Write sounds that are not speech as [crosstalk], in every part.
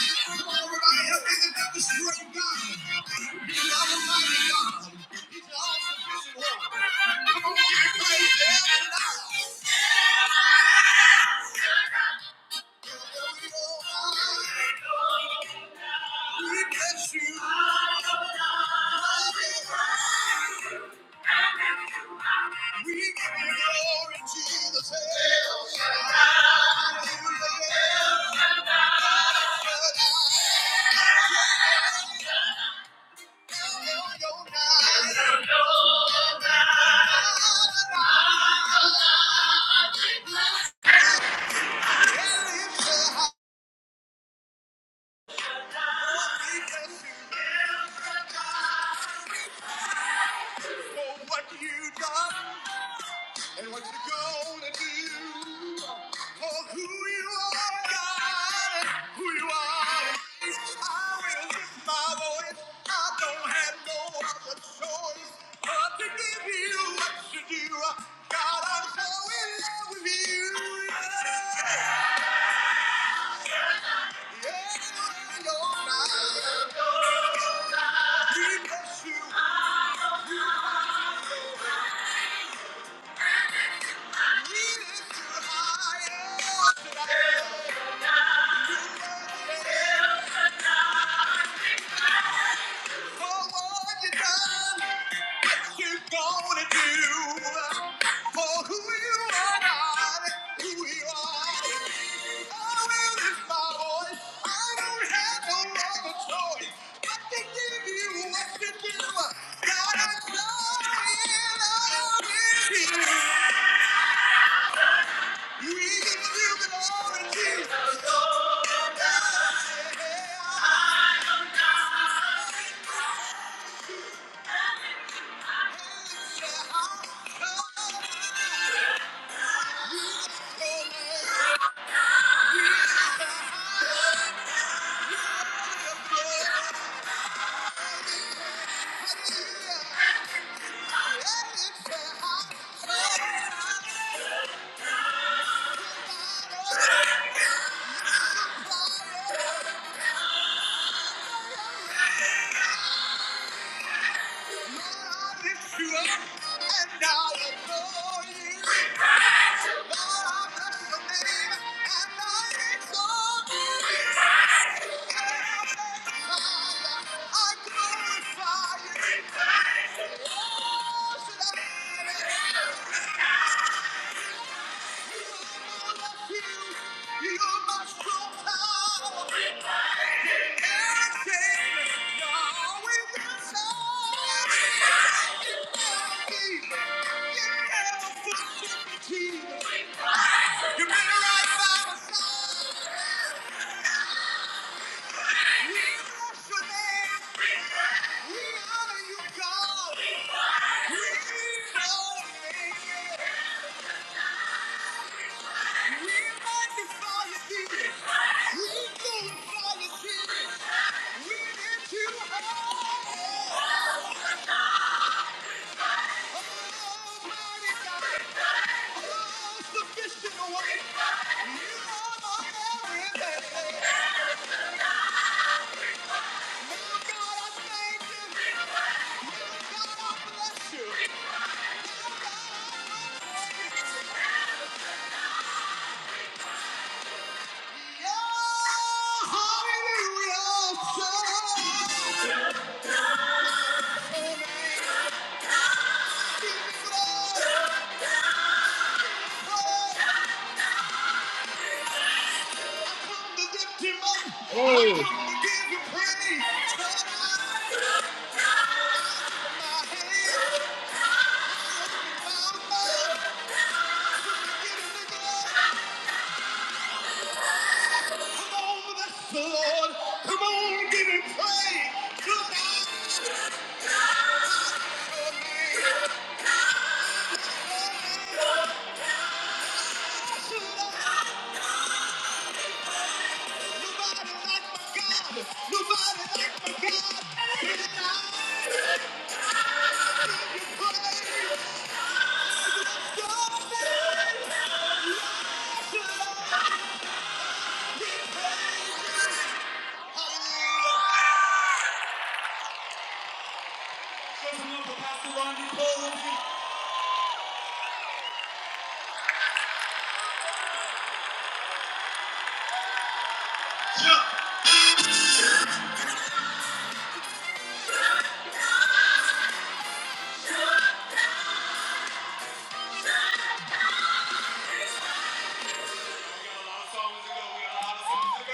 Jesus. What you done? And what you gonna do for who you are, God, who you are. I will lift my voice. I don't have no other choice but to give you what you do. God, I'm so in love with you. Yeah, yeah, you're mine. We bless you. We lift you higher. You are it. for what you done. you're gonna do for who you are, God, who you are. I will lift my voice. I don't have no other choice. I can give you what you do. God, I'm sorry, and I will give you. We can give it all to Jesus. Yeah. Thank you. You must go power. We lift you high. Oh. Come on, bless the Lord. Come on, give him praise. Come on, Nobody like my God. Nobody like my God. And I give you praise. Don't let your Hallelujah.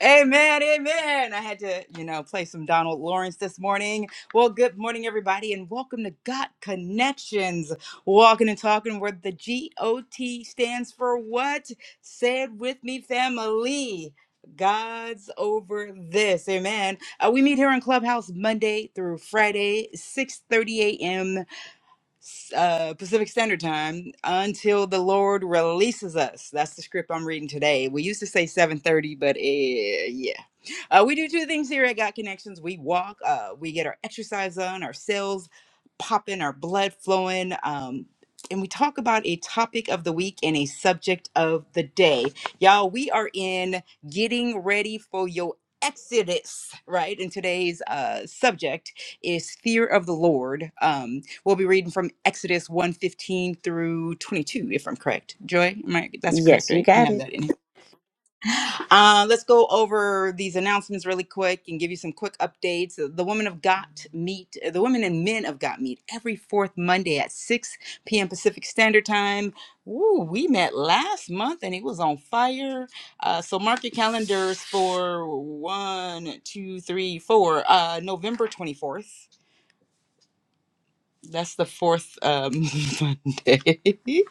Amen, amen. I had to, you know, play some Donald Lawrence this morning. Well, good morning, everybody, and welcome to Got Connections, walking and talking where the G O T stands for what? Say it with me, family. God's over this. Amen. Uh, we meet here in Clubhouse Monday through Friday, 6 30 a.m uh, Pacific Standard Time until the Lord releases us. That's the script I'm reading today. We used to say 7:30, but uh, yeah, uh, we do two things here at got Connections. We walk, uh, we get our exercise on, our cells popping, our blood flowing. Um, and we talk about a topic of the week and a subject of the day. Y'all, we are in getting ready for your exodus, right? And today's uh, subject is fear of the Lord. Um, We'll be reading from Exodus 115 through 22, if I'm correct. Joy, am I, that's correct, Yes, you right? I got have it. that in here. Uh, let's go over these announcements really quick and give you some quick updates. The Women of Got meet, the Women and Men of Got meet every fourth Monday at 6 p.m. Pacific Standard Time. Ooh, we met last month and it was on fire. Uh, so mark your calendars for one, two, three, four, uh, November 24th. That's the fourth um, [laughs] Monday. [laughs]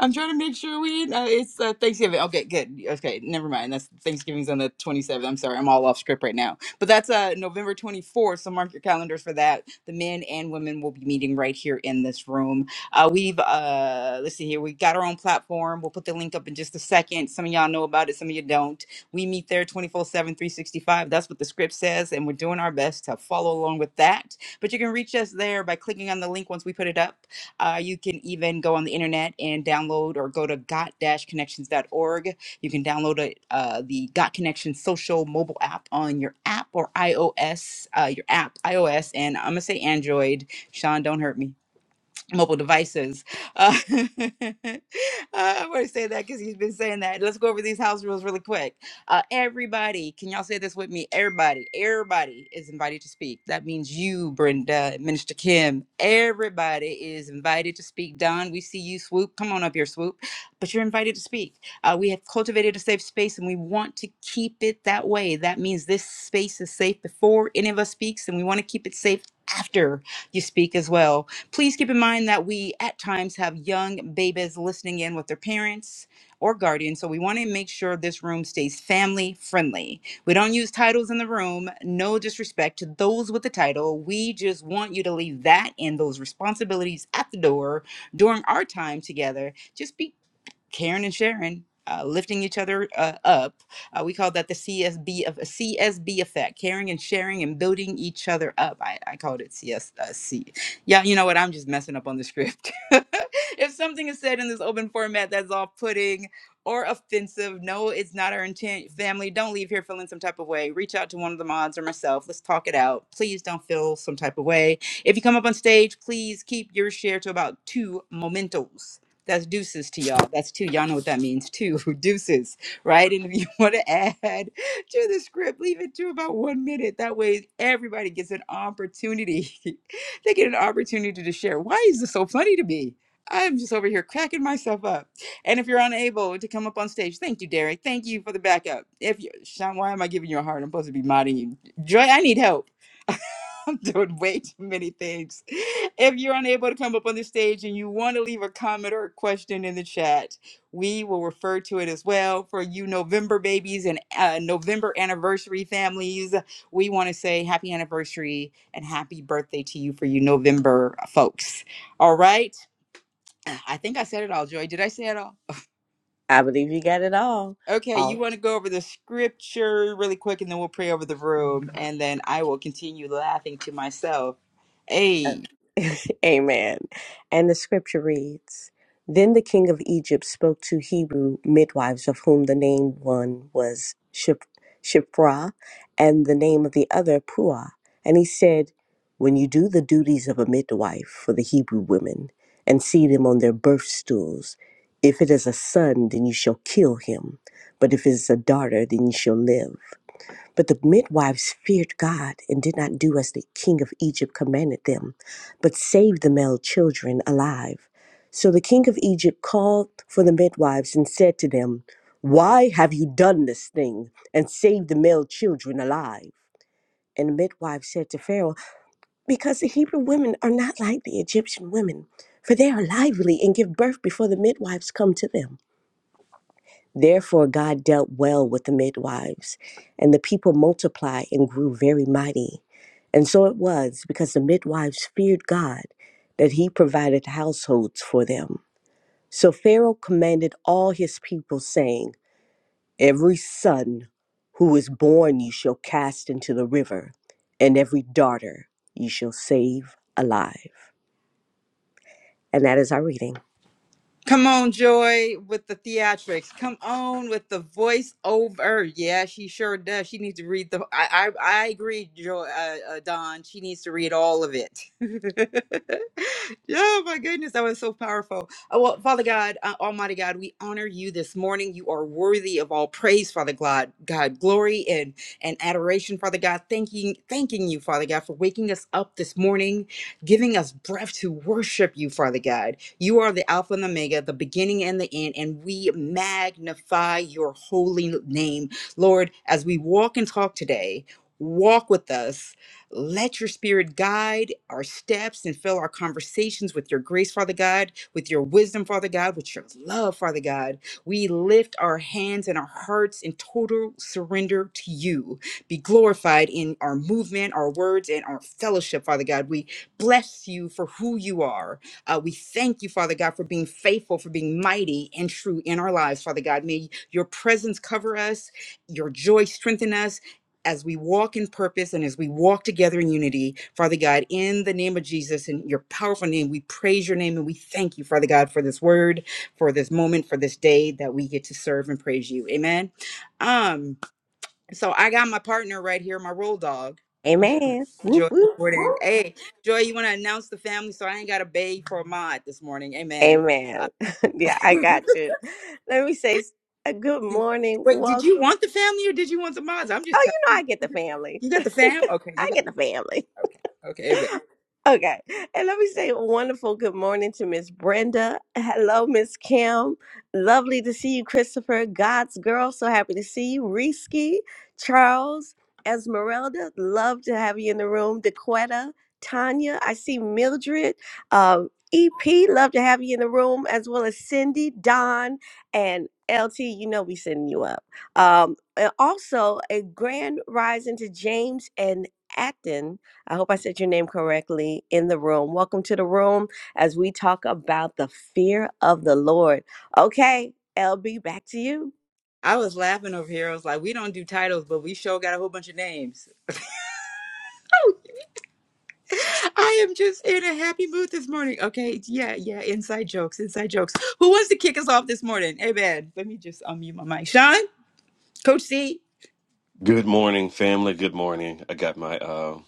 I'm trying to make sure we. Uh, it's uh, Thanksgiving. Okay, good. Okay, never mind. That's Thanksgiving's on the 27th. I'm sorry, I'm all off script right now. But that's uh, November 24th. So mark your calendars for that. The men and women will be meeting right here in this room. Uh, we've uh, let's see here. We got our own platform. We'll put the link up in just a second. Some of y'all know about it. Some of you don't. We meet there 24/7, 365. That's what the script says, and we're doing our best to follow along with that but you can reach us there by clicking on the link once we put it up. Uh, you can even go on the internet and download or go to got-connections.org. You can download a, uh, the Got Connections social mobile app on your app or iOS, uh, your app, iOS, and I'm going to say Android. Sean, don't hurt me mobile devices. Uh, [laughs] I'm going to say that because he's been saying that. Let's go over these house rules really quick. Uh, everybody, can y'all say this with me? Everybody, everybody is invited to speak. That means you, Brenda, Minister Kim. Everybody is invited to speak. Don, we see you, Swoop. Come on up here, Swoop. But you're invited to speak. Uh, we have cultivated a safe space and we want to keep it that way. That means this space is safe before any of us speaks and we want to keep it safe after you speak as well. Please keep in mind that we at times have young babies listening in with their parents or guardians, so we want to make sure this room stays family friendly. We don't use titles in the room, no disrespect to those with the title. We just want you to leave that and those responsibilities at the door during our time together. Just be Karen and Sharon uh, lifting each other uh, up. Uh, we call that the CSB of CSB effect, caring and sharing and building each other up. I, I called it CSC. Yeah, you know what? I'm just messing up on the script. [laughs] if something is said in this open format that's off-putting or offensive, no, it's not our intent. Family, don't leave here feeling some type of way. Reach out to one of the mods or myself. Let's talk it out. Please don't feel some type of way. If you come up on stage, please keep your share to about two mementos that's deuces to y'all. That's two. Y'all know what that means two [laughs] Deuces, right? And if you [laughs] want to add to the script, leave it to about one minute. That way, everybody gets an opportunity. [laughs] they get an opportunity to share. Why is this so funny to me? I'm just over here cracking myself up. And if you're unable to come up on stage, thank you, Derek. Thank you for the backup. If you, Sean, why am I giving you a heart? I'm supposed to be modding you. Joy, I need help. [laughs] I'm doing way too many things. If you're unable to come up on the stage and you want to leave a comment or a question in the chat, we will refer to it as well. For you November babies and uh, November anniversary families, we want to say happy anniversary and happy birthday to you for you November uh, folks. All right. I think I said it all, Joy. Did I say it all? I believe you got it all. Okay, you All. want to go over the scripture really quick and then we'll pray over the room and then I will continue laughing to myself. Hey, [laughs] Amen. And the scripture reads Then the king of Egypt spoke to Hebrew midwives, of whom the name one was Ship- Shiphrah, and the name of the other Puah. And he said, When you do the duties of a midwife for the Hebrew women and see them on their birth stools, if it is a son, then you shall kill him. But if it is a daughter, then you shall live. But the midwives feared God and did not do as the king of Egypt commanded them, but saved the male children alive. So the king of Egypt called for the midwives and said to them, Why have you done this thing and saved the male children alive? And the midwives said to Pharaoh, Because the Hebrew women are not like the Egyptian women, for they are lively and give birth before the midwives come to them. Therefore, God dealt well with the midwives, and the people multiplied and grew very mighty. And so it was, because the midwives feared God, that he provided households for them. So Pharaoh commanded all his people, saying, Every son who is born you shall cast into the river, and every daughter you shall save alive. And that is our reading. Come on, Joy, with the theatrics. Come on with the voiceover. Yeah, she sure does. She needs to read the. I I, I agree, Joy. Uh, uh, Don. She needs to read all of it. [laughs] oh my goodness, that was so powerful. Oh, well, Father God, uh, Almighty God, we honor you this morning. You are worthy of all praise, Father God. God, glory and and adoration, Father God. Thanking thanking you, Father God, for waking us up this morning, giving us breath to worship you, Father God. You are the Alpha and the Omega, the beginning and the end, and we magnify your holy name. Lord, as we walk and talk today, walk with us. Let your spirit guide our steps and fill our conversations with your grace, Father God, with your wisdom, Father God, with your love, Father God. We lift our hands and our hearts in total surrender to you. Be glorified in our movement, our words, and our fellowship, Father God. We bless you for who you are. Uh, we thank you, Father God, for being faithful, for being mighty and true in our lives, Father God. May your presence cover us, your joy strengthen us as we walk in purpose and as we walk together in unity, Father God, in the name of Jesus, in your powerful name, we praise your name and we thank you, Father God, for this word, for this moment, for this day that we get to serve and praise you. Amen. Um, so I got my partner right here, my roll dog. Amen. Whoop, Joy whoop. Jordan. whoop. Hey, Joy, you want to announce the family so I ain't got to beg for a mod this morning. Amen. Uh, Amen. [laughs] yeah, [laughs] I wait, got you. Let me say s- a good morning. did you Welcome. want the family or did you want the mods? I'm Oh, just telling you know you. I get the [laughs] family. You [laughs] got the fam? Okay, you I got get the family. okay. Okay, amen. Okay. And let me say a wonderful good morning to Miss Brenda. Hello, Miss Kim. Lovely to see you, Christopher. God's girl. So happy to see you. Risky, Charles, Esmeralda. Love to have you in the room. Dequetta, Tanya. I see Mildred. Um, EP, love to have you in the room, as well as Cindy, Don, and LT. You know we sending you up. Um, and also a grand rising to James and Acton. I hope I said your name correctly in the room. Welcome to the room as we talk about the fear of the Lord. Okay, LB, back to you. I was laughing over here. I was like, we don't do titles, but we sure got a whole bunch of names. [laughs] I am just in a happy mood this morning. Okay, yeah, yeah. Inside jokes, inside jokes. Who wants to kick us off this morning? Amen. Let me just unmute my mic. Sean, Coach C, Good morning, family. Good morning. I got my uh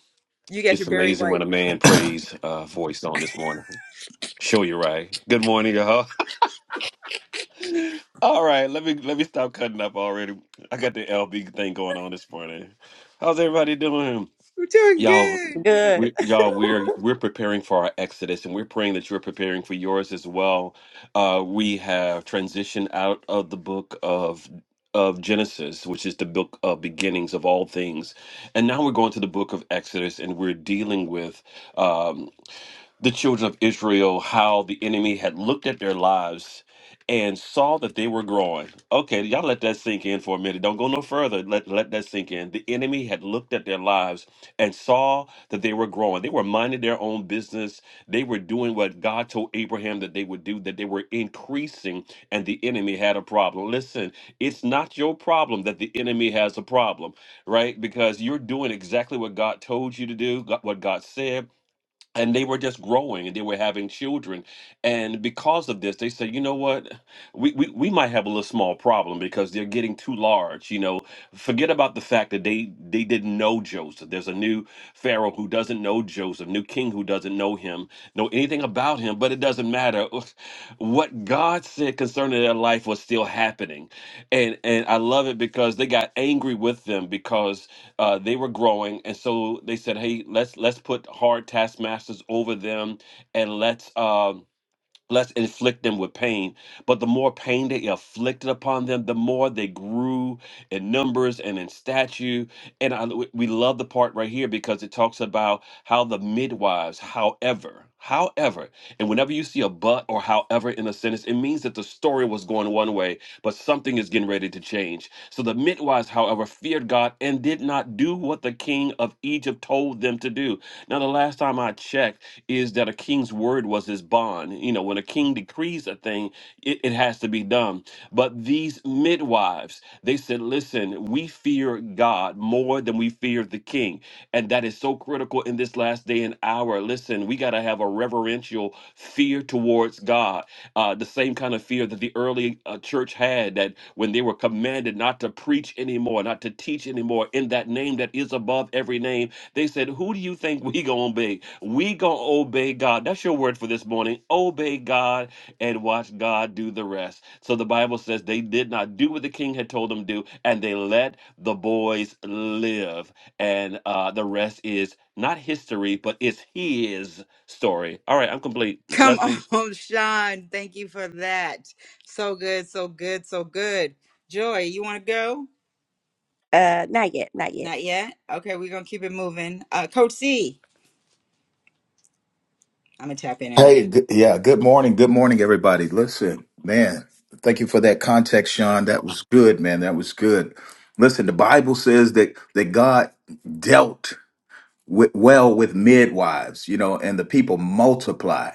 you got your it's Barry amazing White. when a man prays uh voice on this morning. Show you right. Good morning, y'all. [laughs] All right, let me let me stop cutting up already. I got the LB thing going on this morning. How's everybody doing? We're doing Y'all good. doing- Good. we, y'all, we're [laughs] we're preparing for our exodus, and we're praying that you're preparing for yours as well. Uh, we have transitioned out of the book of of Genesis, which is the book of beginnings of all things, and now we're going to the book of Exodus, and we're dealing with. um, the children of Israel how the enemy had looked at their lives and saw that they were growing. Okay, y'all let that sink in for a minute. Don't go no further. Let let that sink in. The enemy had looked at their lives and saw that they were growing. They were minding their own business. They were doing what God told Abraham that they would do, that they were increasing, and the enemy had a problem. Listen, it's not your problem that the enemy has a problem, right? Because you're doing exactly what God told you to do, God- what God said and they were just growing and they were having children and because of this they said you know what we, we we might have a little small problem because they're getting too large you know forget about the fact that they they didn't know joseph there's a new pharaoh who doesn't know joseph new king who doesn't know him know anything about him but it doesn't matter [laughs] what god said concerning their life was still happening and and I love it because they got angry with them because uh, they were growing, and so they said, "Hey, let's let's put hard taskmasters over them, and let's." Um, let's inflict them with pain. But the more pain they afflicted upon them, the more they grew in numbers and in stature. And I, we we love the part right here because it talks about how the midwives, however, however, and whenever you see a but or however in a sentence, it means that the story was going one way, but something is getting ready to change. So the midwives, however, feared God and did not do what the king of Egypt told them to do. Now, the last time I checked is that a king's word was his bond. You know, when a king decrees a thing, it, it has to be done. But these midwives, they said, Listen, we fear God. God more than we fear the King. And that is so critical in this last day and hour. Listen, we got to have a reverential fear towards God, uh, the same kind of fear that the early uh, church had that when they were commanded not to preach anymore, not to teach anymore in that name that is above every name, they said, Who do you think we going to be? We going to obey God. That's your word for this morning. Obey God and watch God do the rest. So the Bible says they did not do what the king had told them to do, and they let the boys live. And uh, the rest is not history, but it's his story. All right, I'm complete. Come Blessings. on, [laughs] Sean. Thank you for that. So good, so good, so good. Joy, you want to go? Uh, not yet, not yet. Not yet. Okay, we're gonna keep it moving. Uh, Coach C, I'm gonna tap in and out. Hey, g- yeah, good morning. Good morning, everybody. Listen, man, thank you for that context, Sean. That was good, man. That was good. Listen, the Bible says that that God dealt with, well with midwives, you know, and the people multiply.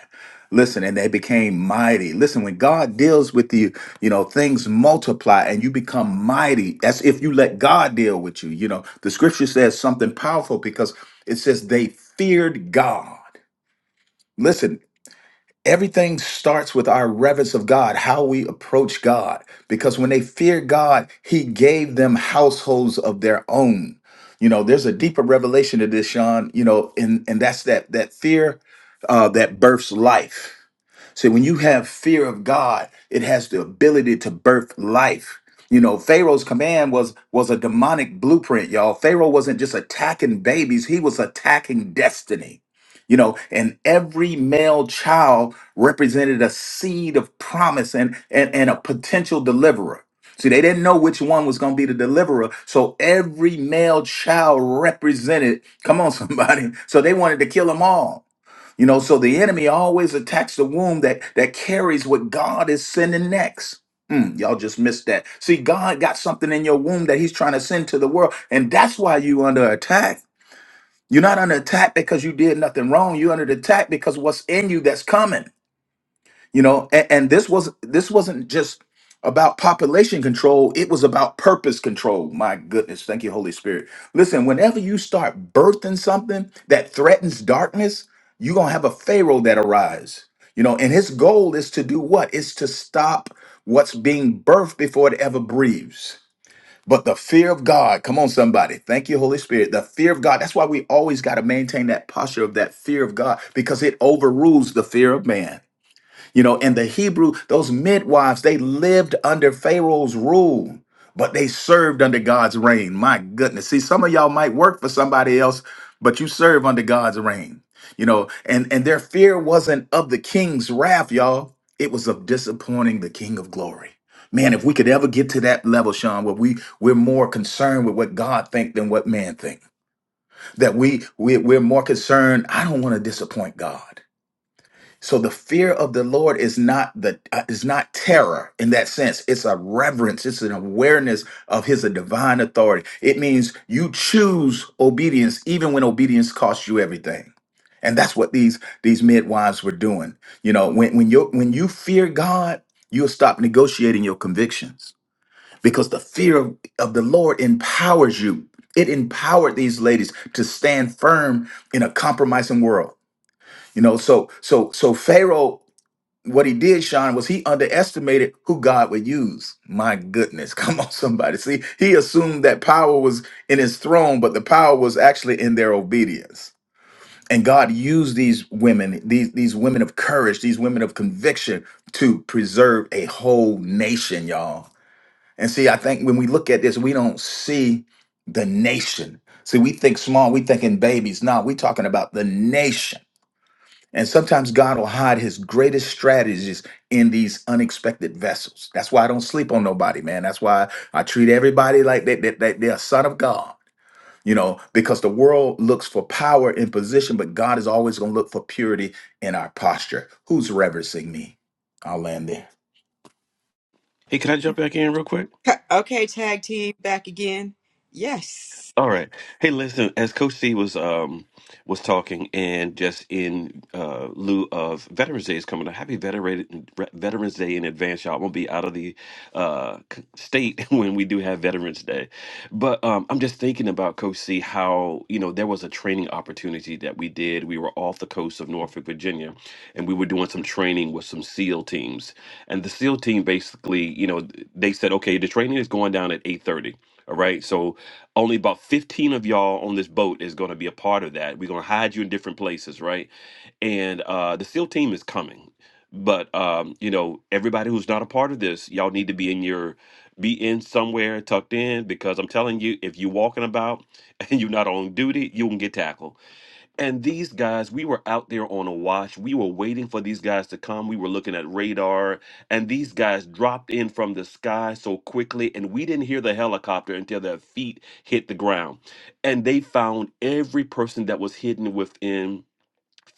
Listen, and they became mighty. Listen, when God deals with you, you know, things multiply and you become mighty. That's if you let God deal with you. You know, the scripture says something powerful because it says they feared God. Listen, Everything starts with our reverence of God, how we approach God. Because when they feared God, He gave them households of their own. You know, there's a deeper revelation to this, Sean. You know, and and that's that that fear uh, that births life. So when you have fear of God, it has the ability to birth life. You know, Pharaoh's command was was a demonic blueprint, y'all. Pharaoh wasn't just attacking babies, he was attacking destiny. You know, and every male child represented a seed of promise and and, and a potential deliverer. See, they didn't know which one was going to be the deliverer. So every male child represented, come on, somebody. [laughs] So they wanted to kill them all you know, so the enemy always attacks the womb that that carries what God is sending next. Mm, y'all just missed that. See, God got something in your womb that He's trying to send to the world, and that's why you under attack. You're not under attack because you did nothing wrong. You're under attack because what's in you that's coming you know and, and this was this wasn't just about population control it was about purpose control my goodness thank you holy spirit listen whenever you start birthing something that threatens darkness you're gonna have a pharaoh that arise you know and his goal is to do what? It's to stop what's being birthed before it ever breathes but the fear of god come on somebody thank you holy spirit the fear of god that's why we always got to maintain that posture of that fear of god because it overrules the fear of man you know, in the Hebrew, those midwives, they lived under Pharaoh's rule, but they served under God's reign. My goodness. See, some of y'all might work for somebody else, but you serve under God's reign. You know, and and their fear wasn't of the king's wrath, y'all. It was of disappointing the king of glory. Man, if we could ever get to that level, Sean, where we we're more concerned with what God think than what man think. That we, we we're more concerned, I don't want to disappoint God. So the fear of the Lord is not the uh, is not terror in that sense. It's a reverence. It's an awareness of His divine authority. It means you choose obedience even when obedience costs you everything. And that's what these these midwives were doing. You know, when when you when you fear God, you'll stop negotiating your convictions because the fear of, of the Lord empowers you. It empowered these ladies to stand firm in a compromising world. You know, so so so Pharaoh what he did, Sean, was he underestimated who God would use. My goodness, [laughs] come on, somebody. See, he assumed that power was in his throne, but the power was actually in their obedience. And God used these women, these, these women of courage, these women of conviction to preserve a whole nation, y'all. And see, I think when we look at this, we don't see the nation. See, we think small, we thinking babies. No, we talking about the nation and sometimes God will hide his greatest strategies in these unexpected vessels. That's why I don't sleep on nobody, man. That's why I treat everybody like they, they, they, are a son of God, you know, because the world looks for power and position, but God is always going to look for purity in our posture. Who's reverencing me? I'll land there. Hey, can I jump back in real quick? Co- okay, tag team back again. Yes, All right. Hey, listen, as Coach C was um was talking and just in uh lieu of Veterans Day is coming up. Happy Veteran Veterans Day in advance, y'all. I'm gonna be out of the uh c- state [laughs] when we do have Veterans Day. But um I'm just thinking about Coach C how, you know, there was a training opportunity that we did. We were off the coast of Norfolk, Virginia, and we were doing some training with some SEAL teams. And the SEAL team basically, you know, they said, okay, the training is going down at 8:30 all right. So only about 15 of y'all on this boat is going to be a part of that. We're going to hide you in different places, right? And uh the SEAL team is coming. But um, you know, everybody who's not a part of this, y'all need to be in your be in somewhere tucked in because I'm telling you, if you're walking about [laughs] and you're not on duty, you can get tackled and these guys, we were out there on a watch. We were waiting for these guys to come. We were looking at radar, and these guys dropped in from the sky so quickly, and we didn't hear the helicopter until their feet hit the ground. And they found every person that was hidden within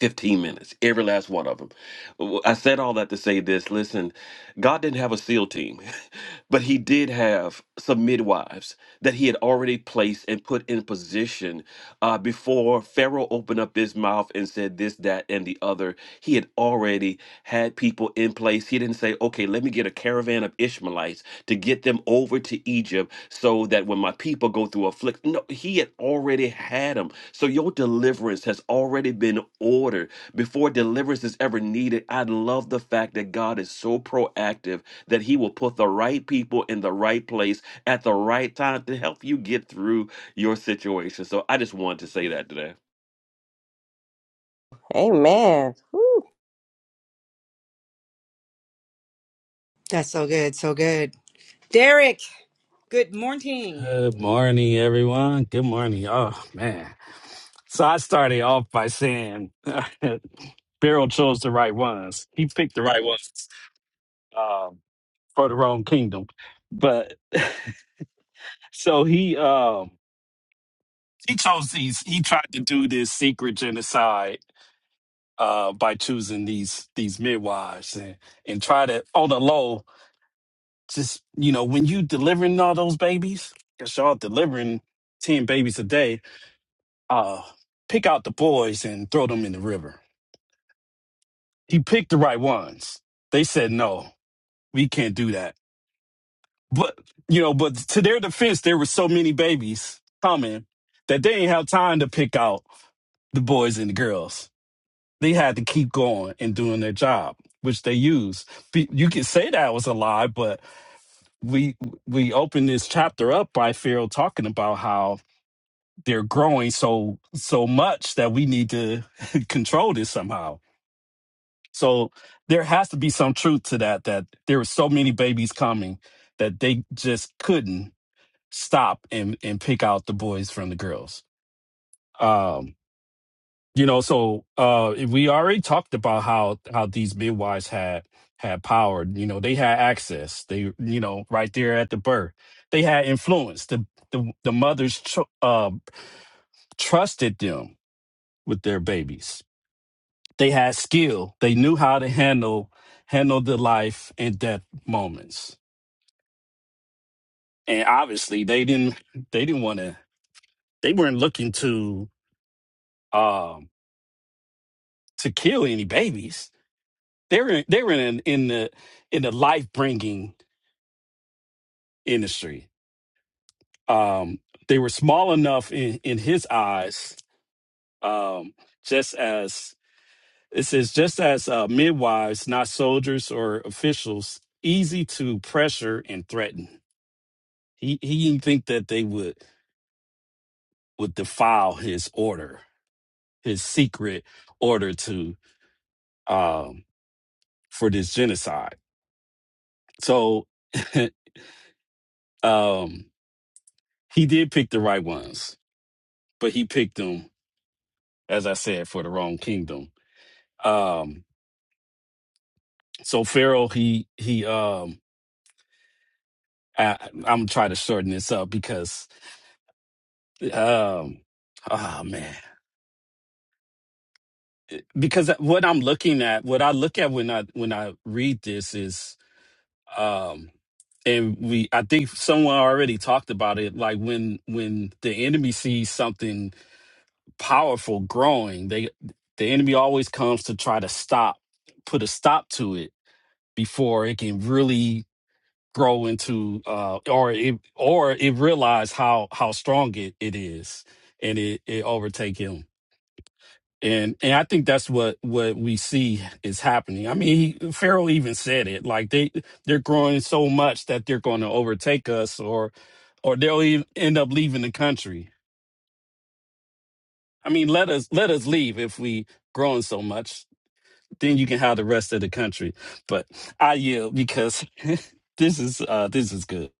15 minutes, every last one of them. W- I said all that to say this listen, God didn't have a SEAL team, [laughs] but He did have some midwives that He had already placed and put in position uh, before Pharaoh opened up his mouth and said this, that, and the other. He had already had people in place. He didn't say, okay, let me get a caravan of Ishmaelites to get them over to Egypt so that when my people go through affliction, no, he had already had them. So your deliverance has already been ordered before deliverance is ever needed. I love the fact that God is so proactive that he will put the right people in the right place at the right time to help you get through your situation. So I just wanted to say that today. Amen. Woo. Whoop, that's so good, so good. Derek, good morning. Good morning, everyone. Good morning. Oh, man. So I started off by saying [laughs] Beryl chose the right ones. He picked the right ones um, for the wrong kingdom. But [laughs] so he um, he chose these. He tried to do this secret genocide uh, by choosing these these midwives and and try to on the low. Just you know, when you delivering all those babies, because y'all delivering ten babies a day, uh, pick out the boys and throw them in the river. He picked the right ones. They said, no, we can't do that. But, you know, but to their defense, there were so many babies coming that they didn't have time to pick out the boys and the girls. They had to keep going and doing their job, which they used. Be- You could say that was a lie, but we we opened this chapter up by Pharaoh talking about how they're growing so so much that we need to [laughs] control this somehow So there has to be some truth to that, that there were so many babies coming that they just couldn't stop and, and pick out the boys from the girls. Um, you know, so uh, we already talked about how how these midwives had had power. You know, they had access. They, you know, right there at the birth, they had influence. The the, the mothers tr- uh, trusted them with their babies They had skill. They knew how to handle handle the life and death moments. And obviously they didn't they didn't want to they weren't looking to um to kill any babies. They were they were in in the in the life bringing industry. Um they were small enough in in his eyes um just as it says, just as uh, midwives, not soldiers or officials, easy to pressure and threaten. He he didn't think that they would would defile his order, his secret order to um for this genocide. So [laughs] um he did pick the right ones, but he picked them, as I said, for the wrong kingdom. Um so Pharaoh he he um I, I'm gonna try to shorten this up because um oh man because what I'm looking at, what I look at when I when I read this is um and we i think someone already talked about it like when when the enemy sees something powerful growing they the enemy always comes to try to stop put a stop to it before it can really grow into uh or it or it realize how how strong it, it is and it it overtake him and and I think that's what what we see is happening. I mean, he, Pharaoh even said it like they they're growing so much that they're going to overtake us, or or they'll even end up leaving the country. I mean, let us let us leave if we growing so much. Then you can have the rest of the country. But I yield because [laughs] this is uh this is good.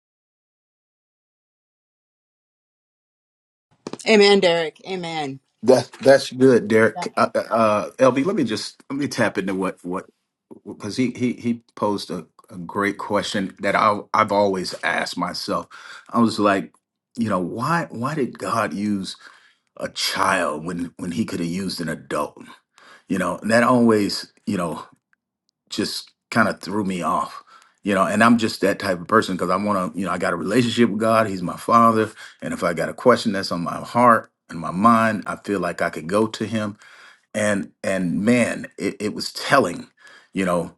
Amen, Derek. Amen. That's that's good, Derek. Uh, uh, uh, LB, let me just let me tap into what what because he he he posed a, a great question that I I've always asked myself. I was like, you know, why why did God use a child when when he could have used an adult? You know, and that always you know just kind of threw me off. You know, and I'm just that type of person because I want to, you know, I got a relationship with God. He's my father. And if I got a question that's on my heart and my mind, I feel like I could go to him. And and man, it, it was telling, you know,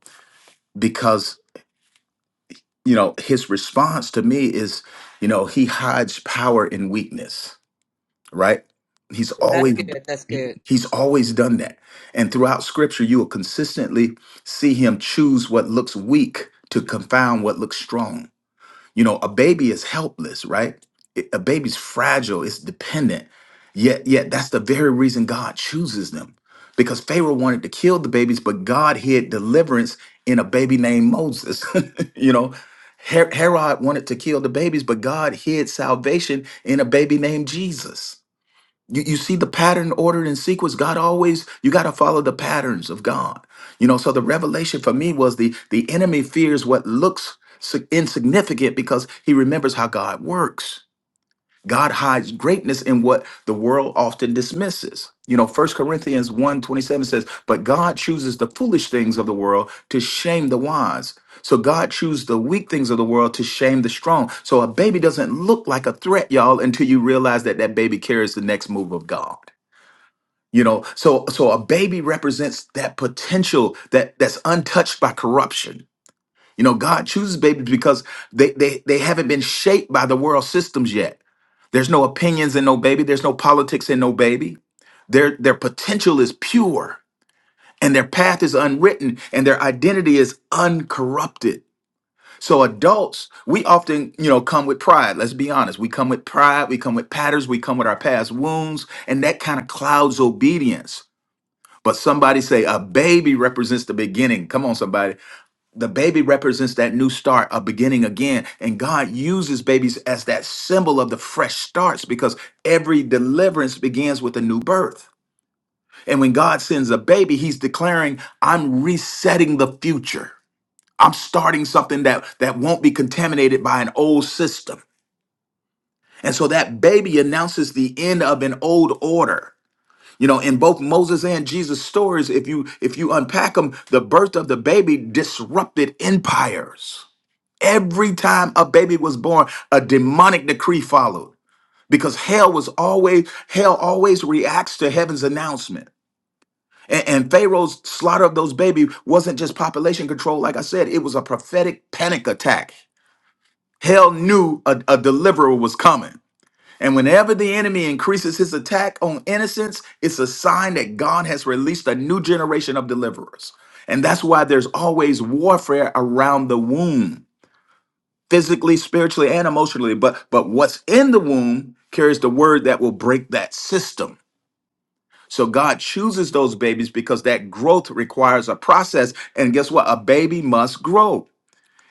because you know, his response to me is, you know, he hides power in weakness, right? He's Oh, that's always good. That's good. he's always done that. And throughout scripture you will consistently see him choose what looks weak to confound what looks strong you know, a baby is helpless, right? It- A baby's fragile, it's dependent. Yet, yet that's the very reason God chooses them. Because Pharaoh wanted to kill the babies, but God hid deliverance in a baby named Moses. [laughs] you know, Her- Herod wanted to kill the babies, but God hid salvation in a baby named Jesus. You, you see the pattern ordered in sequence. God always, you got to follow the patterns of God. You know, so the revelation for me was the the enemy fears what looks sig- insignificant because he remembers how God works. God hides greatness in what the world often dismisses. You know, First Corinthians one 27 says, But God chooses the foolish things of the world to shame the wise. So God chooses the weak things of the world to shame the strong. So a baby doesn't look like a threat, y'all, until you realize that that baby carries the next move of God. You know, so so a baby represents that potential that that's untouched by corruption you know, God chooses babies because they they they haven't been shaped by the world systems yet. There's no opinions in no baby, there's no politics in no baby. Their their potential is pure and their path is unwritten and their identity is uncorrupted. So adults, we often, you know, come with pride. Let's be honest. We come with pride, we come with patterns, we come with our past wounds, and that kind of clouds obedience. But somebody say a baby represents the beginning. Come on, somebody. The baby represents that new start, a beginning again. And God uses babies as that symbol of the fresh starts because every deliverance begins with a new birth. And when God sends a baby, he's declaring, I'm resetting the future. I'm starting something that, that won't be contaminated by an old system. And so that baby announces the end of an old order. You know, in both Moses and Jesus stories, if you if you unpack them, the birth of the baby disrupted empires Every time a baby was born, a demonic decree followed because hell was always hell always reacts to heaven's announcement. And, and Pharaoh's slaughter of those babies wasn't just population control, like I said, it was a prophetic panic attack. Hell knew a, a deliverer was coming. And whenever the enemy increases his attack on innocence, it's a sign that God has released a new generation of deliverers. And that's why there's always warfare around the womb physically, spiritually, and emotionally. But but what's in the womb carries the word that will break that system. So God chooses those babies because that growth requires a process. And guess what? A baby must grow.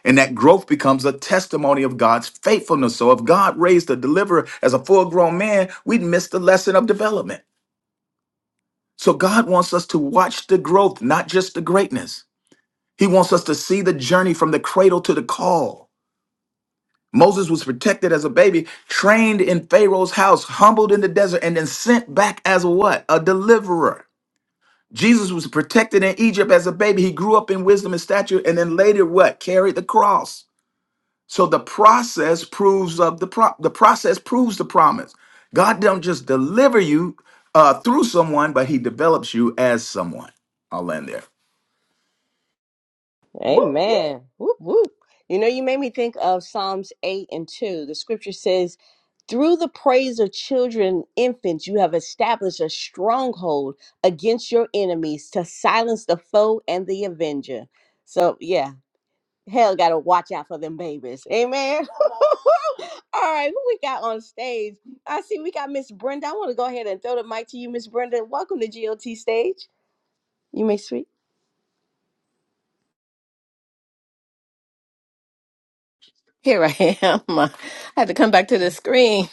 And that growth becomes a testimony of God's faithfulness. So if God raised a deliverer as a full-grown man, we'd miss the lesson of development. So God wants us to watch the growth, not just the greatness. He wants us to see the journey from the cradle to the call. Moses was protected as a baby, trained in Pharaoh's house, humbled in the desert, and then sent back as a what? A deliverer. Jesus was protected in Egypt as a baby. He grew up in wisdom and stature, and then later what? Carried the cross. So the process proves of the pro- the process proves the promise. God don't just deliver you uh, through someone, but He develops you as someone. I'll end there. whoop. Amen. Whoop, whoop. You know, you made me think of Psalms 8 and 2. The scripture says, Through the praise of children infants, you have established a stronghold against your enemies to silence the foe and the avenger. So, yeah, hell gotta watch out for them babies. Amen. [laughs] All right, who we got on stage? I see we got Miss Brenda. I want to go ahead and throw the mic to you, Miss Brenda. Welcome to GOT stage. You may speak. Here I am. [laughs] I had to come back to the screen,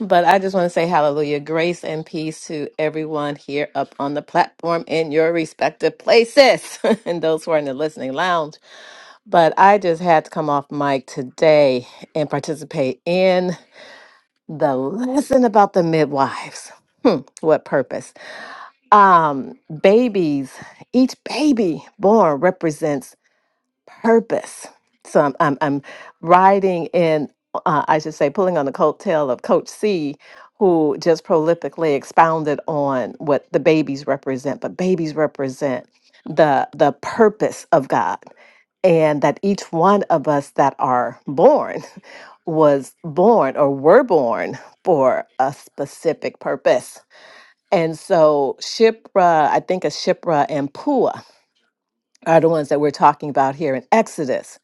but I just want to say hallelujah. Grace and peace to everyone here up on the platform in your respective places [laughs] and those who are in the listening lounge. But I just had to come off mic today and participate in the lesson about the midwives. Hmm, what purpose? Um, babies, each baby born represents purpose. So I'm I'm, I'm riding in, uh, I should say, pulling on the coattail of Coach C, who just prolifically expounded on what the babies represent. But babies represent the the purpose of God, and that each one of us that are born was born or were born for a specific purpose. And so Shipra, I think of Shipra and Pua are the ones that we're talking about here in Exodus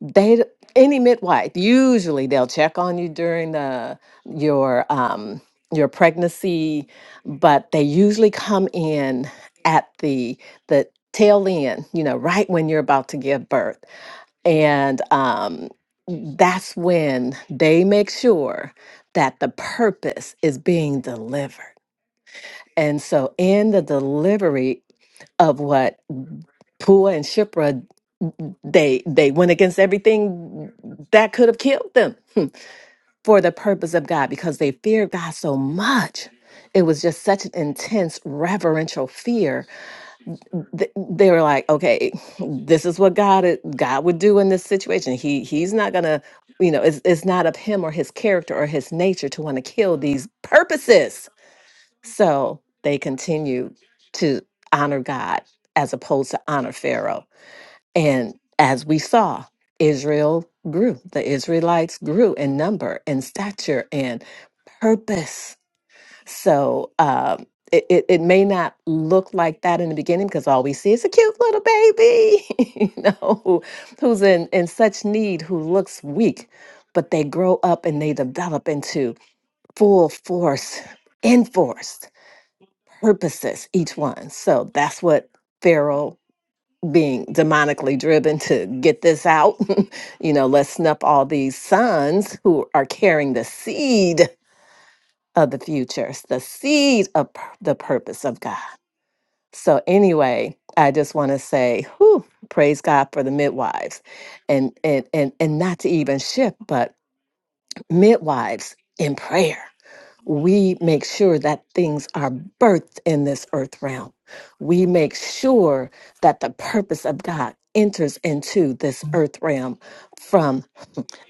they d- any midwife usually they'll check on you during the your um your pregnancy but they usually come in at the the tail end you know right when you're about to give birth and um that's when they make sure that the purpose is being delivered and so in the delivery of what Pua and Shipra they they went against everything that could have killed them for the purpose of God because they feared God so much. It was just such an intense reverential fear. Th- They were like, okay, this is what God i- God would do in this situation. He he's not gonna, you know, it's it's not of him or his character or his nature to want to kill these purposes. So they continued to honor God as opposed to honor Pharaoh and as we saw, Israel grew. The Israelites grew in number and stature and purpose. So um, it, it, it may not look like that in the beginning because all we see is a cute little baby, [laughs] you know, who, who's in, in such need, who looks weak, but they grow up and they develop into full force, enforced purposes, each one. So that's what Pharaoh being demonically driven to get this out. [laughs] you know, let's snuff all these sons who are carrying the seed of the futures, the seed of pur- the purpose of God. So, anyway, I just want to say, whew, praise God for the midwives and, and, and, and not to even shift, but midwives in prayer we make sure that things are birthed in this earth realm. We make sure that the purpose of God enters into this earth realm from.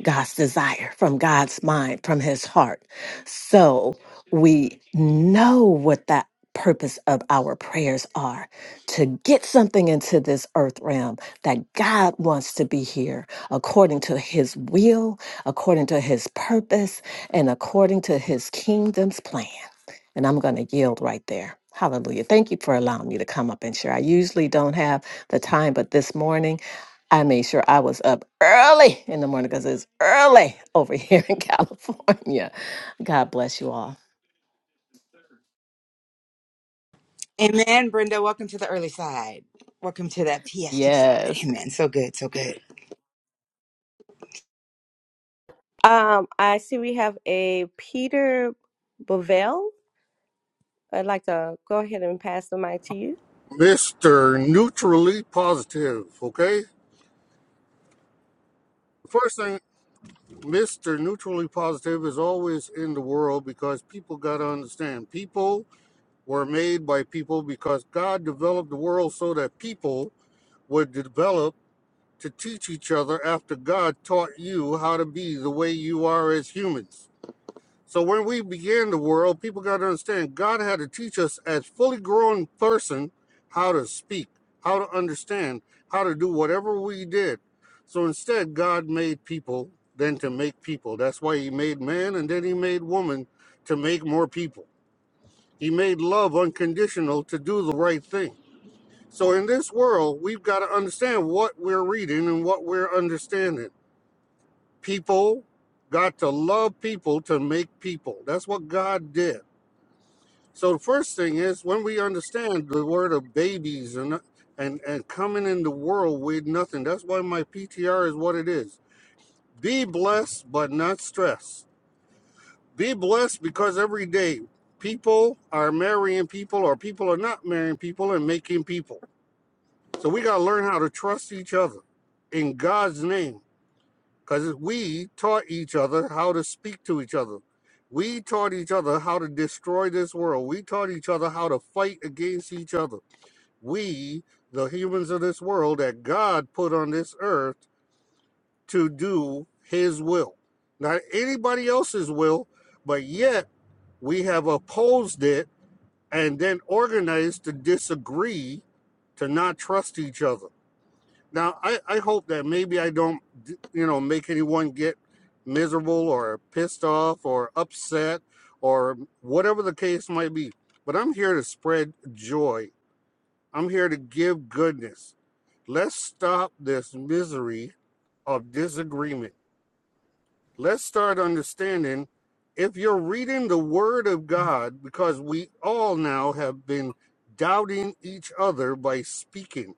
God's desire, from God's mind, from his heart. So we know what that purpose of our prayers are to get something into this earth realm that God wants to be here according to his will, according to his purpose, and according to his kingdom's plan. And I'm going to yield right there. Hallelujah. Thank you for allowing me to come up and share. I usually don't have the time, but this morning I made sure I was up early in the morning because it's early over here in [laughs] California. God bless you all. Amen, Brenda. Welcome to the early side. Welcome to that PST side. Yes. Amen. So good, so good. Um, I see we have a Peter Bovell. I'd like to go ahead and pass the mic to you. Mr. Neutrally Positive, okay? The First thing, Mr. Neutrally Positive is always in the world because people got to understand. People were made by people because God developed the world so that people would develop to teach each other after God taught you how to be the way you are as humans. So when we began the world, people got to understand God had to teach us as fully grown person how to speak, how to understand, how to do whatever we did. So instead, God made people then to make people. That's why He made man and then He made woman to make more people. He made love unconditional to do the right thing. So in this world, we've got to understand what we're reading and what we're understanding. People got to love people to make people. That's what God did. So the first thing is when we understand the word of babies and and and coming in the world with nothing. That's why my PTR is what it is. Be blessed but not stressed. Be blessed because every day people are marrying people or people are not marrying people and making people. So we got to learn how to trust each other in God's name because we taught each other how to speak to each other. We taught each other how to destroy this world. We taught each other how to fight against each other. We, the humans of this world that God put on this earth to do his will, not anybody else's will, but yet we have opposed it and then organized to disagree, to not trust each other. Now, I, I hope that maybe I don't, you know, make anyone get miserable or pissed off or upset or whatever the case might be. But I'm here to spread joy. I'm here to give goodness. Let's stop this misery of disagreement. Let's start understanding if you're reading the Word of God, because we all now have been doubting each other by speaking.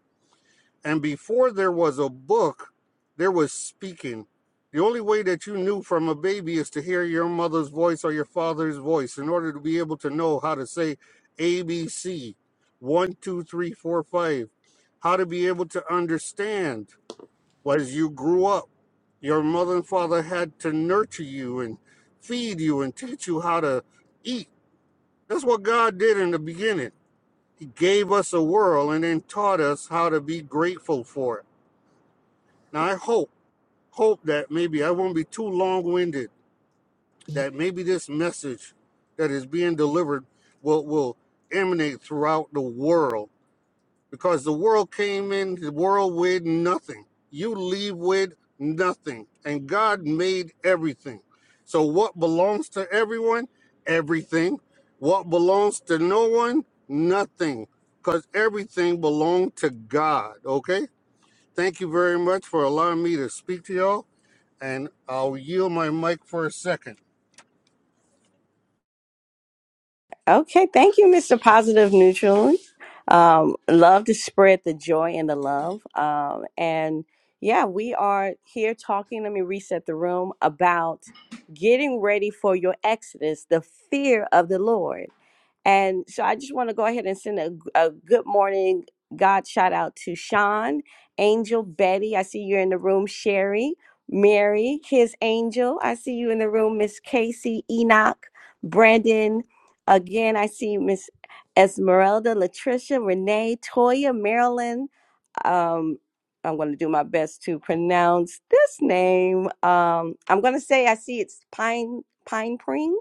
And before there was a book, there was speaking. The only way that you knew from a baby is to hear your mother's voice or your father's voice in order to be able to know how to say ABC, one, two, three, four, five, how to be able to understand as you grew up. Your mother and father had to nurture you and feed you and teach you how to eat. That's what God did in the beginning. He gave us a world and then taught us how to be grateful for it now I hope, hope that maybe I won't be too long-winded, that maybe this message that is being delivered will will emanate throughout the world. Because the world came in the world with nothing. You leave with nothing. And God made everything. So what belongs to everyone? Everything. What belongs to no one? Nothing. Because everything belonged to God. Okay? Thank you very much for allowing me to speak to y'all and I'll yield my mic for a second. Okay, thank you, Mr. Positive Neutral. Um, love to spread the joy and the love. Um, and yeah, we are here talking. Let me reset the room about getting ready for your exodus, the fear of the Lord. And so I just want to go ahead and send a a good morning God shout out to Sean, Angel, Betty. I see you're in the room, Sherry, Mary, his angel. I see you in the room, Miss Casey, Enoch, Brandon. Again, I see Miss Esmeralda, Latricia, Renee, Toya, Marilyn. Um, I'm going to do my best to pronounce this name. Um, I'm going to say I see it's Pine Pine Pring.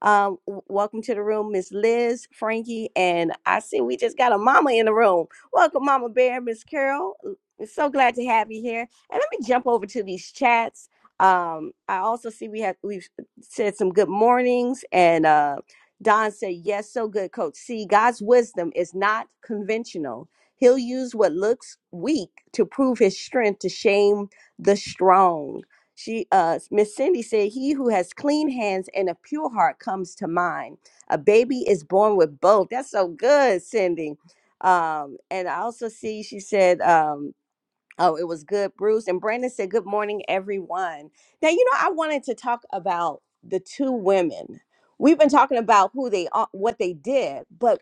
Um, w- welcome to the room, Miss Liz, Frankie, and I see we just got a mama in the room. Welcome, Mama Bear, Miss Carol. We're So glad to have you here. And let me jump over to these chats. Um, I also see we have we've said some good mornings and. Uh, Don said, Yes, so good, coach. See, God's wisdom is not conventional. He'll use what looks weak to prove his strength to shame the strong. She uh Miss Cindy said, He who has clean hands and a pure heart comes to mind. A baby is born with both. That's so good, Cindy. Um, and I also see she said, um, Oh, it was good, Bruce. And Brandon said, Good morning, everyone. Now, you know, I wanted to talk about the two women. We've been talking about who they are, what they did, but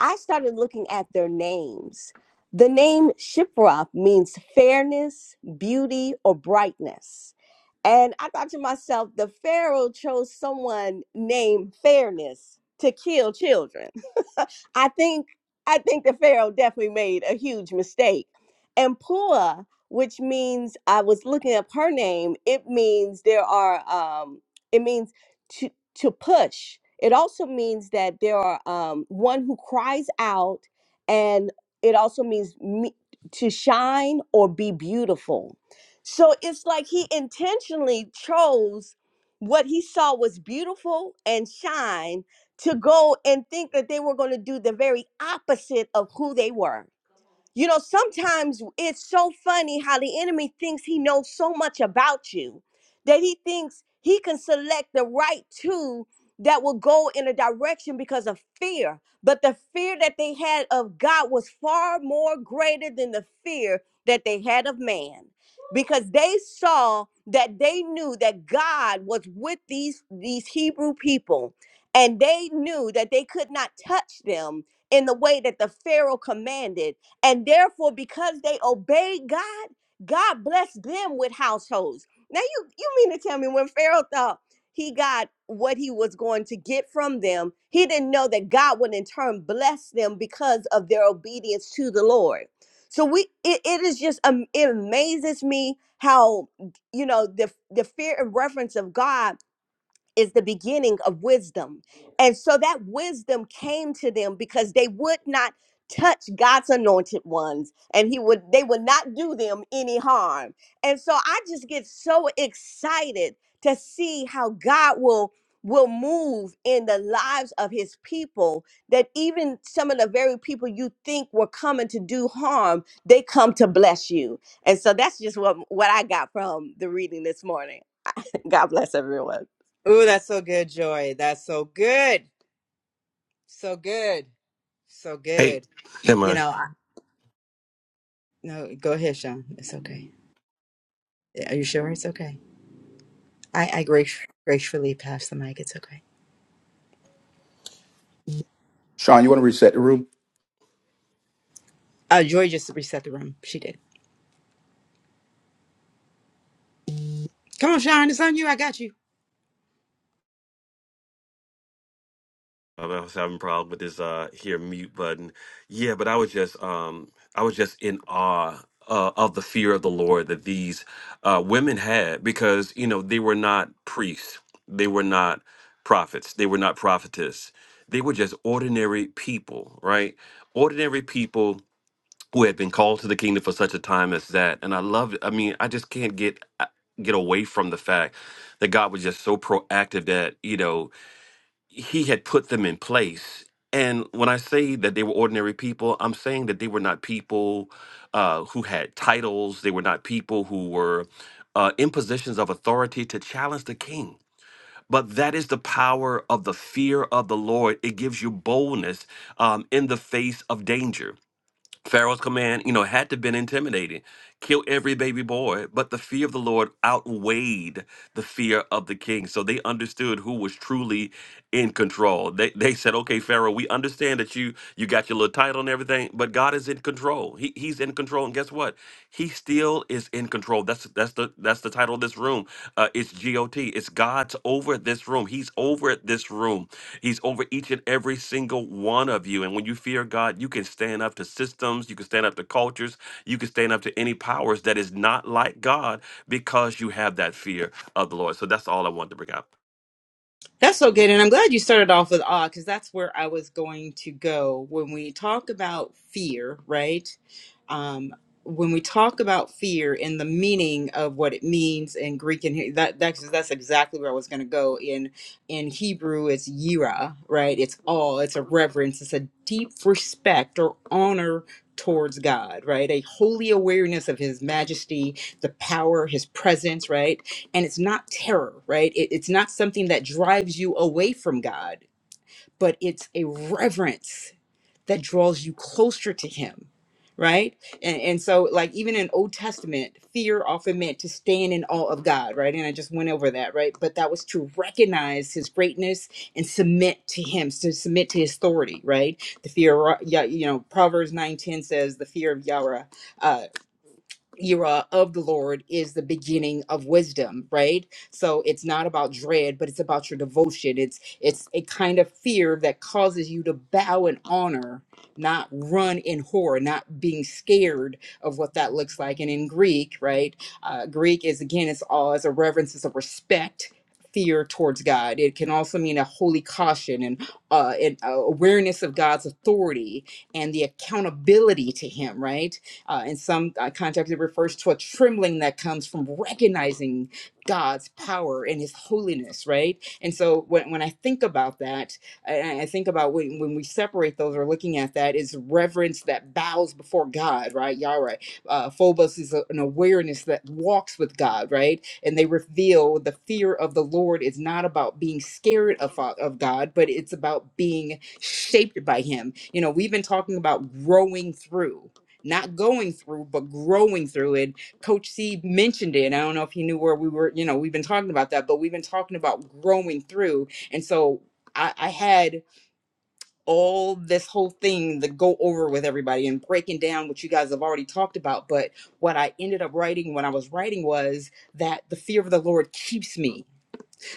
I started looking at their names. The name Shiproth means fairness, beauty, or brightness. And I thought to myself, the Pharaoh chose someone named Fairness to kill children. [laughs] I think I think the Pharaoh definitely made a huge mistake and Pua, which means I was looking up her name, it means there are um it means to to push. It also means that there are um one who cries out and it also means me, to shine or be beautiful. So it's like he intentionally chose what he saw was beautiful and shine to go and think that they were going to do the very opposite of who they were you know, sometimes it's so funny how the enemy thinks he knows so much about you that he thinks he can select the right two that will go in a direction because of fear. But the fear that they had of God was far more greater than the fear that they had of man because they saw that they knew that God was with these these Hebrew people and they knew that they could not touch them in the way that the Pharaoh commanded and therefore, because they obeyed God, God blessed them with households. Now you you mean to tell me when Pharaoh thought he got what he was going to get from them, he didn't know that God would in turn bless them because of their obedience to the Lord. So we it, it is just um, it amazes me how you know the the fear and reverence of God is the beginning of wisdom. And so that wisdom came to them because they would not touch God's anointed ones and he would they would not do them any harm. And so I just get so excited to see how God will will move in the lives of his people that even some of the very people you think were coming to do harm, they come to bless you. And so that's just what what I got from the reading this morning. [laughs] God bless everyone. Ooh, that's so good, Joy. That's so good. So good. So Hey, good. yeah, You man. know, I, no, go ahead, Sean. It's okay. Yeah, Are you sure it's okay? I, I grace, gracefully pass the mic. It's okay. Sean, you want to reset the room? Uh, Joy just reset the room. She did. Come on, Sean. It's on you. I got you. Um, I was having a problem with this uh here mute button. Yeah, but I was just um I was just in awe uh, of the fear of the Lord that these uh, women had because you know they were not priests, they were not prophets, they were not prophetess, they were just ordinary people, right? Ordinary people who had been called to the kingdom for such a time as that. And I love it. I mean, I just can't get uh, get away from the fact that God was just so proactive that you know he had put them in place. And when I say that they were ordinary people, I'm saying that they were not people uh, who had titles. They were not people who were uh, in positions of authority to challenge the king. But that is the power of the fear of the Lord. It gives you boldness um, in the face of danger. Pharaoh's command, you know, had to been intimidating. Kill every baby boy, but the fear of the Lord outweighed the fear of the king. So they understood who was truly in control. They they said, "Okay, Pharaoh, we understand that you you got your little title and everything, but God is in control. He, he's in control, and guess what? He still is in control. That's that's the that's the title of this room. Uh, it GOT. It's God's over this room. He's over this room. He's over each and every single one of you. And when you fear God, you can stand up to systems. You can stand up to cultures. You can stand up to any powers that is not like God because you have that fear of the Lord. So that's all I wanted to bring up. That's so good. And I'm glad you started off with awe because that's where I was going to go. When we talk about fear, right? Um, when we talk about fear and the meaning of what it means in Greek and He- that that's that's exactly where I was going to go. In in Hebrew, it's yira, right? It's awe. It's a reverence. It's a deep respect or honor towards God, right? A holy awareness of His majesty, the power, His presence, right? and it's not terror right it, it's not something that drives you away from god but it's a reverence that draws you closer to him right and, and so like even in old testament fear often meant to stand in awe of god right and i just went over that right but that was to recognize his greatness and submit to him to submit to his authority right the fear of Ra- yeah you know proverbs nine ten says the fear of yahweh uh, era of the Lord is the beginning of wisdom, right? So it's not about dread, but it's about your devotion. It's it's a kind of fear that causes you to bow in honor, not run in horror, not being scared of what that looks like. And in Greek, right? Uh, Greek is again, it's all as a reverence, it's a respect. Fear towards God. It can also mean a holy caution and uh, an uh, awareness of God's authority and the accountability to Him, right? Uh, in some uh, context, it refers to a trembling that comes from recognizing God's power and His holiness, right? And so when, when I think about that, I, I think about when, when we separate those or looking at that is reverence that bows before God, right? Yahweh. Uh, Phobos is a- an awareness that walks with God, right? And they reveal the fear of the Lord is not about being scared of, of God, but it's about being shaped by Him. You know, we've been talking about growing through not going through, but growing through it. Coach C mentioned it. I don't know if he knew where we were, you know, we've been talking about that, but we've been talking about growing through. And so I, I had all this whole thing to go over with everybody and breaking down what you guys have already talked about. But what I ended up writing when I was writing was that the fear of the Lord keeps me.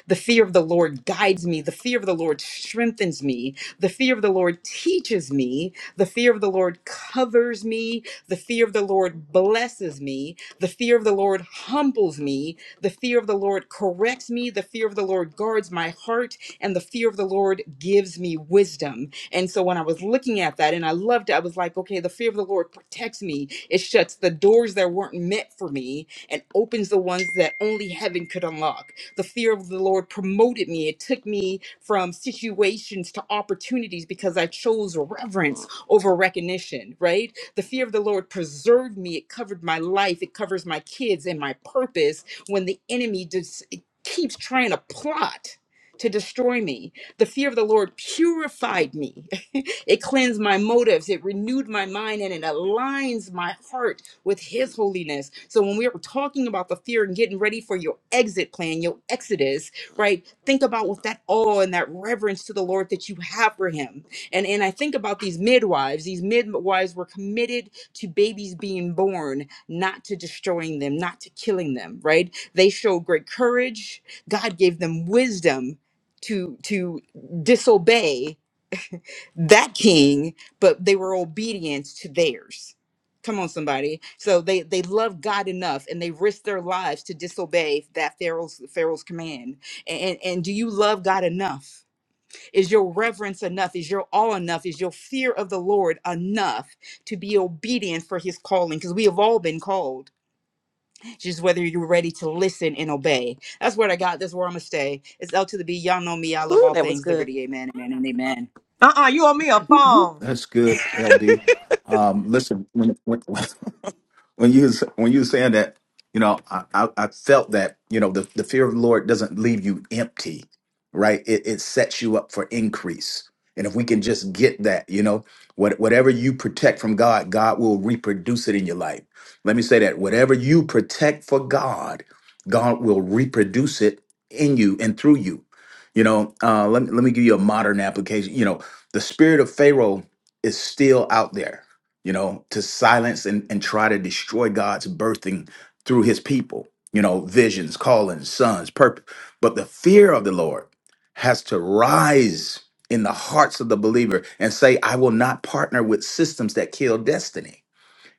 The fear of the Lord guides me. The fear of the Lord strengthens me. The fear of the Lord teaches me. The fear of the Lord covers me. The fear of the Lord blesses me. The fear of the Lord humbles me. The fear of the Lord corrects me. The fear of the Lord guards my heart. And the fear of the Lord gives me wisdom. And so when I was looking at that and I loved it, I was like, okay, the fear of the Lord protects me. It shuts the doors that weren't meant for me and opens the ones that only heaven could unlock the fear of the Lord promoted me. It took me from situations to opportunities because I chose reverence over recognition, right? The fear of the Lord preserved me. It covered my life, it covers my kids and my purpose when the enemy just keeps trying to plot. To destroy me. The fear of the Lord purified me. [laughs] it cleansed my motives. It renewed my mind and it aligns my heart with his holiness. So when we are talking about the fear and getting ready for your exit plan, your exodus, right? Think about with that awe and that reverence to the Lord that you have for him. And and I think about these midwives. These midwives were committed to babies being born, not to destroying them, not to killing them, right? They showed great courage. God gave them wisdom to to disobey that king, but they were obedient to theirs. Come on, somebody. So they they loved God enough, and they risked their lives to disobey that Pharaoh's Pharaoh's command. And and do you love God enough? Is your reverence enough? Is your awe enough? Is your fear of the Lord enough to be obedient for His calling? Because we have all been called. Just whether you're ready to listen and obey. That's what I got. That's where I'm gonna stay. It's L to the B. Y'all know me. I love Woo, all that was things good. liberty. Amen. Amen. And amen. Uh-uh, you owe me a Whoop, whoop. phone. That's good, LB. Um, listen, when, when, [laughs] when you was when you was saying that, you know, I, I, I felt that you know the, the fear of the Lord doesn't leave you empty, right? It it sets you up for increase, and if we can just get that, you know, what whatever you protect from God, God will reproduce it in your life. Let me say that whatever you protect for God, God will reproduce it in you and through you. You know, uh, let me let me give you a modern application. You know, the spirit of Pharaoh is still out there you know, to silence and, and try to destroy God's birthing through his people, you know, visions, callings, sons, purpose. But the fear of the Lord has to rise in the hearts of the believer and say, I will not partner with systems that kill destiny.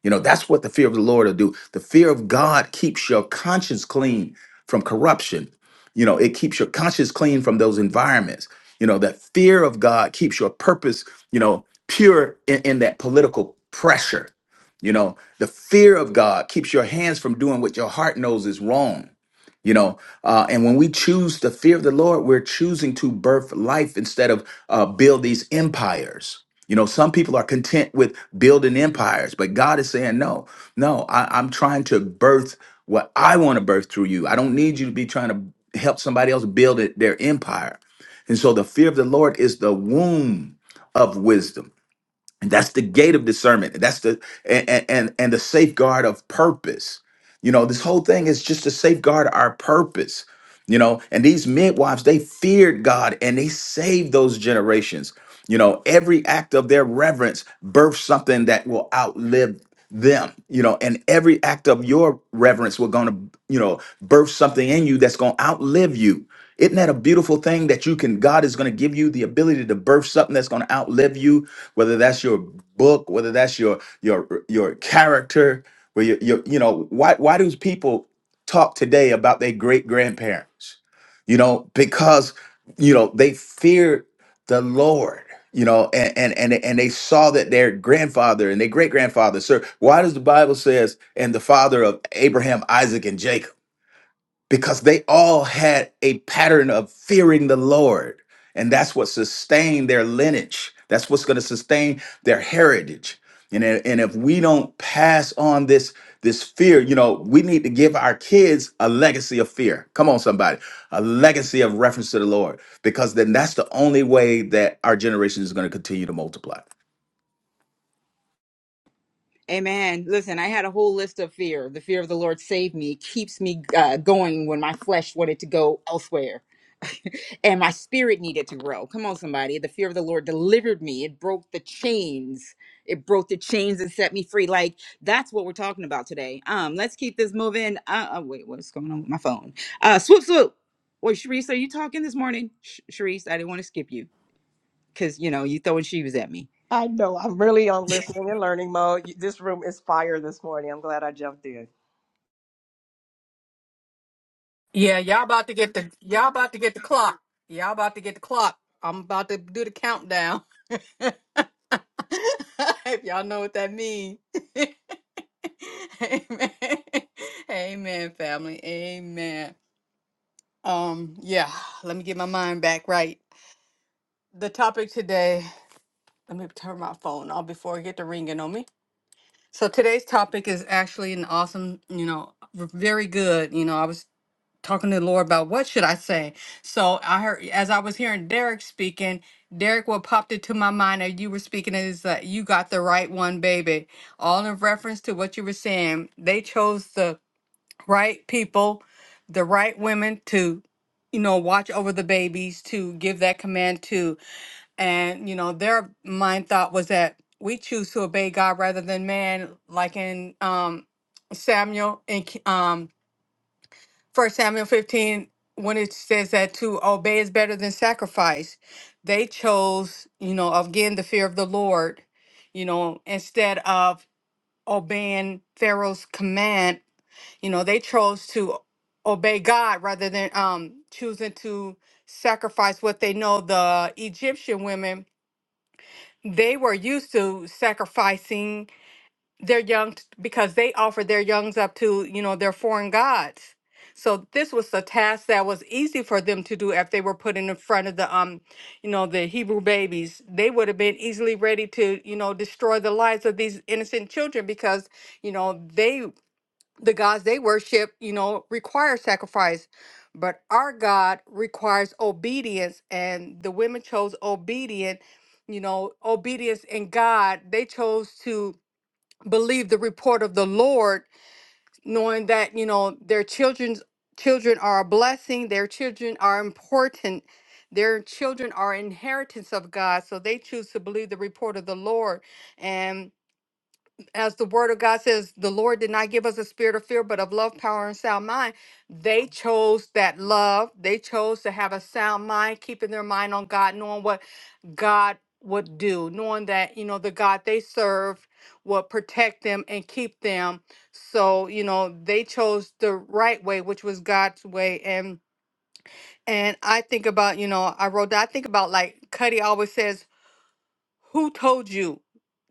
You know, that's what the fear of the Lord will do. The fear of God keeps your conscience clean from corruption. You know, it keeps your conscience clean from those environments. You know, that fear of God keeps your purpose, you know, pure in, in that political pressure. You know, the fear of God keeps your hands from doing what your heart knows is wrong. You know, uh, and when we choose the fear of the Lord, we're choosing to birth life instead of uh, build these empires you know, some people are content with building empires, but God is saying, no, no, I, am trying to birth what I want to birth through you. I don't need you to be trying to help somebody else build it, their empire. And so the fear of the Lord is the womb of wisdom. And that's the gate of discernment. That's the and and and the safeguard of purpose. You know, this whole thing is just to safeguard our purpose. You know, and these midwives, they feared God and they saved those generations. You know, every act of their reverence birthed something that will outlive them. You know, and every act of your reverence will gonna, you know, birth something in you that's gonna outlive you. Isn't that a beautiful thing that you can God is gonna give you the ability to birth something that's gonna outlive you? whether that's your book, whether that's your your your character, where your, your you know why why do people talk today about their great grandparents? You know because you know they feared the Lord. You know, and, and and and they saw that their grandfather and their great grandfather. Sir, why does the Bible says and the father of Abraham, Isaac, and Jacob? because they all had a pattern of fearing the Lord. And that's what sustained their lineage. That's what's going to sustain their heritage. And, i- and if we don't pass on this, this fear, you know, we need to give our kids a legacy of fear. Come on, somebody, a legacy of reference to the Lord, because then that's the only way that our generation is going to continue to multiply. Amen. Listen, I had a whole list of fear. The fear of the Lord saved me, keeps me uh, going when my flesh wanted to go elsewhere. [laughs] and my spirit needed to grow. Come on, somebody. The fear of the Lord delivered me. It broke the chains. It broke the chains and set me free. Like that's what we're talking about today. Um, let's keep this moving. Uh, uh wait, what's going on with my phone? Uh, swoop, swoop. Wait, Sharice, are you talking this morning? Sh- Sharice, I didn't want to skip you because you know you throwing shoes at me. I know. I'm really on listening and learning mode. You- This room is fire this morning. I'm glad I jumped in. Yeah, y'all about to get the y'all about to get the clock. Y'all about to get the clock. I'm about to do the countdown. [laughs] if y'all know what that means. [laughs] Amen. Amen, family. Amen. Um, yeah, let me get my mind back right. The topic today, let me turn my phone off before I get the ringing on me. So today's topic is actually an awesome, you know, r- very good. You know, I was talking to the Lord about what should I say. So I heard as I was hearing Derek speaking, Derek what popped into my mind as you were speaking is that you got the right one, baby. All in reference to what you were saying. They chose the right people, the right women to you know watch over the babies to give that command to and you know their mind thought was that we choose to obey god rather than man like in um samuel and K- um First Samuel 15, when it says that to obey is better than sacrifice, they chose, you know, again, the fear of the Lord, you know, instead of obeying Pharaoh's command, you know, they chose to obey God rather than um, choosing to sacrifice what they know the Egyptian women, they were used to sacrificing their young t- because they offered their youngs up to you know their foreign gods so this was a task that was easy for them to do if they were put in front of the um you know the hebrew babies they would have been easily ready to you know destroy the lives of these innocent children because you know they the gods they worship you know require sacrifice but our god requires obedience and the women chose obedient you know obedience in god they chose to believe the report of the Lord, knowing that you know their children's children are a blessing, their children are important, their children are inheritance of God. So they choose to believe the report of the Lord, and as the word of God says, the Lord did not give us a spirit of fear, but of love, power, and sound mind. They chose that love. They chose to have a sound mind, keeping their mind on God, knowing what God would do, knowing that, you know, the God they serve will protect them and keep them. So, you know, they chose the right way, which was God's way. And and I think about, you know, I wrote that I think about like Cuddy always says who told you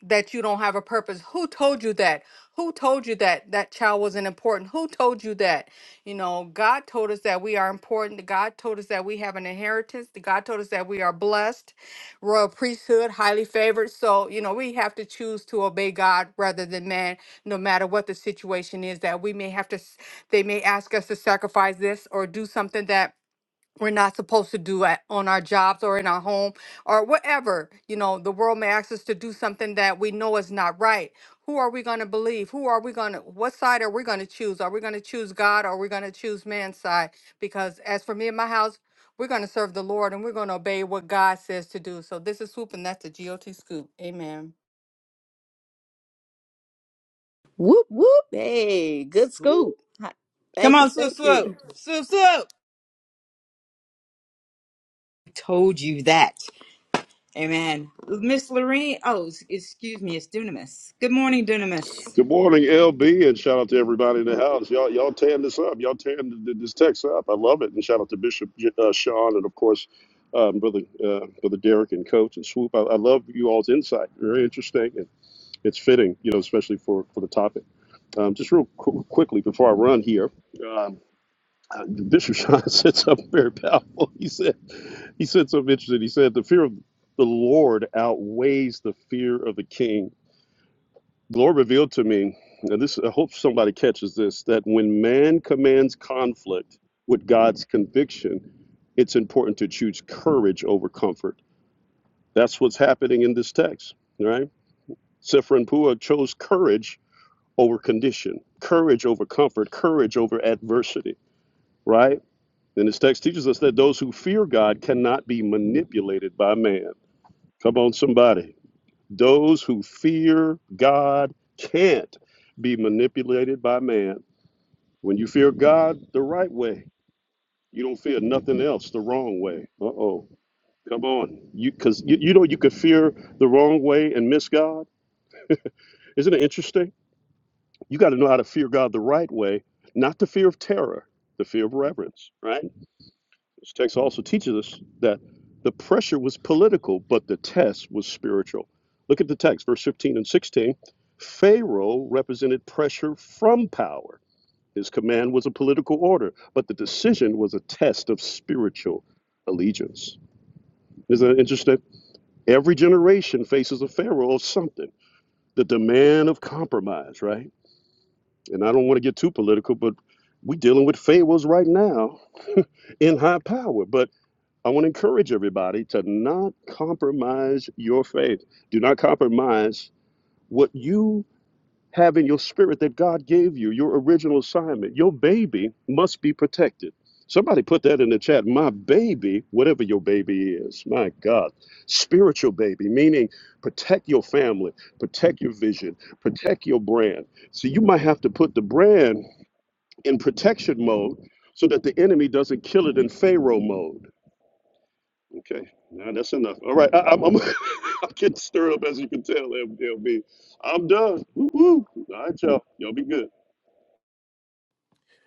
that you don't have a purpose? Who told you that? Who told you that that child wasn't important? Who told you that? You know, God told us that we are important. God told us that we have an inheritance. God told us that we are blessed, royal priesthood, highly favored. So, you know, we have to choose to obey God rather than man, no matter what the situation is that we may have to, s- they may ask us to sacrifice this or do something that we're not supposed to do at, on our jobs or in our home or whatever. You know, the world may ask us to do something that we know is not right. Who are we going to believe? Who are we going to, what side are we going to choose? Are we going to choose God or are we going to choose man's side? Because as for me and my house, we're going to serve the Lord and we're going to obey what God says to do. So this is Swoop and that's the GOT Scoop. Amen. Whoop whoop. Hey, good Woo. scoop. Hi- Come Thank you, on, swoop, thank swoop, you. swoop, swoop. told you that. Amen. Miss Lorraine, oh, s- excuse me, it's Dunamis. Good morning, Dunamis. Good morning, LB, and shout out to everybody in the house. Y'all, y'all tearing this up. Y'all tearing th- this text up. I love it. And shout out to Bishop uh, Sean, and of course, um, brother uh, brother Derek and Coach and Swoop. I, I love you all's insight. Very interesting, and it's fitting, you know, especially for for the topic. Um, just real qu- quickly before I run here, um, uh, Bishop Sean [laughs] said something very powerful. He said he said something interesting. He said the fear of the Lord outweighs the fear of the king Lord revealed to me, and this I hope somebody catches this, that when man commands conflict with God's conviction, it's important to choose courage over comfort. That's what's happening in this text, right? Sephra and Pua chose courage over condition, courage over comfort, courage over adversity, right? And this text teaches us that those who fear God cannot be manipulated by man. Come on, somebody. Those who fear God can't be manipulated by man When you fear God the right way, you don't fear nothing else the wrong way. Uh oh. Come on. You cause you, you know you could fear the wrong way and miss God. Isn't it interesting? You gotta know how to fear God the right way, not the fear of terror, the fear of reverence, right? This text also teaches us that the pressure was political, but the test was spiritual. Look at the text, verse 15 and 16. Pharaoh represented pressure from power His command was a political order, but the decision was a test of spiritual allegiance. Isn't that interesting? Every generation faces a pharaoh of something, the demand of compromise, right? And I don't want to get too political, but we're dealing with pharaohs right now in high power. But I want to encourage everybody to not compromise your faith. Do not compromise what you having your spirit that God gave you, your original assignment. Your baby must be protected. Somebody put that in the chat. My baby, whatever your baby is, my God, spiritual baby, meaning protect your family, protect your vision, protect your brand. So you might have to put the brand in protection mode so that the enemy doesn't kill it in Pharaoh mode. Okay, now that's enough. All right, I, I'm, I'm, [laughs] I'm getting stirred up as you can tell, MLB. I'm done. Woo-woo. All right, y'all. Y'all be good.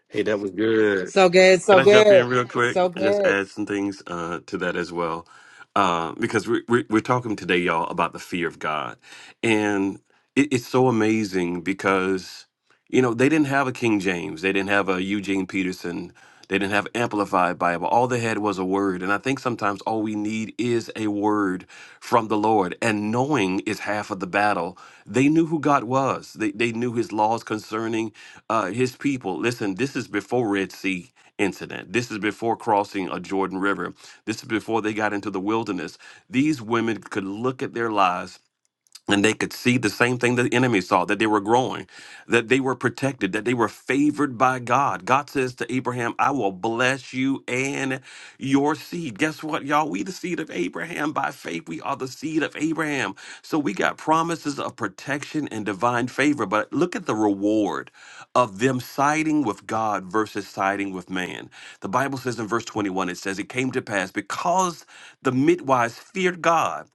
Hey, that was good. So good, so Can I jump good, in real quick so and just good. add some things uh, to that as well? Uh, because we're, we're, we're talking today, y'all, about the fear of God. And it, it's so amazing because, you know, they didn't have a King James, they didn't have a Eugene Peterson, they didn't have Amplified Bible. All they had was a word. And I think sometimes all we need is a word from the Lord. And knowing is half of the battle. They knew who God was, they, they knew his laws concerning uh, his people. Listen, this is before Red Sea incident. This is before crossing a Jordan River. This is before they got into the wilderness. These women could look at their lives and they could see the same thing the enemy saw that they were growing that they were protected that they were favored by god god says to abraham i will bless you and your seed guess what y'all we the seed of abraham by faith we are the seed of abraham so we got promises of protection and divine favor but look at the reward of them siding with god versus siding with man the bible says in verse 21 it says it came to pass because the midwives feared god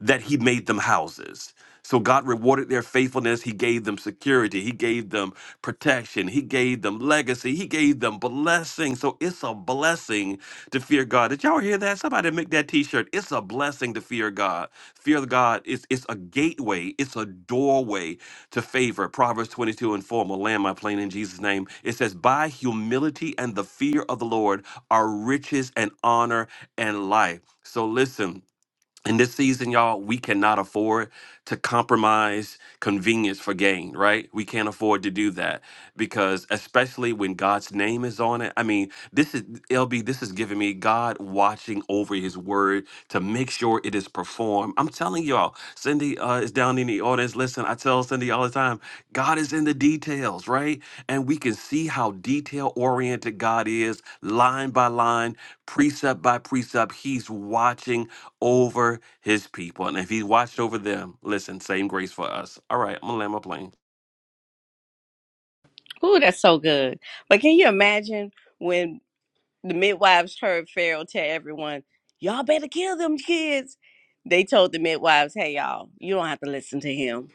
that he made them houses so God rewarded their faithfulness. He gave them security. He gave them protection. He gave them legacy. He gave them blessing. So it's a blessing to fear God. Did y'all hear that? Somebody make that t-shirt. It's a blessing to fear God. Fear of God is it's a gateway. It's a doorway to favor. Proverbs 22 and 4. I'm gonna land my plane in Jesus' name. It says, by humility and the fear of the Lord are riches and honor and life. So listen in this season, y'all, we cannot afford to compromise convenience for gain, right? We can't afford to do that because, especially when God's name is on it. I mean, this is LB, this is giving me God watching over his word to make sure it is performed. I'm telling y'all, Cindy uh, is down in the audience. Listen, I tell Cindy all the time, God is in the details, right? And we can see how detail oriented God is, line by line, precept by precept. He's watching over his people. And if he watched over them, listen, same grace for us. All right, I'm gonna land my plane. Ooh, that's so good. But can you imagine when the midwives heard Pharaoh tell everyone, y'all better kill them kids? They told the midwives, hey, y'all, you don't have to listen to him.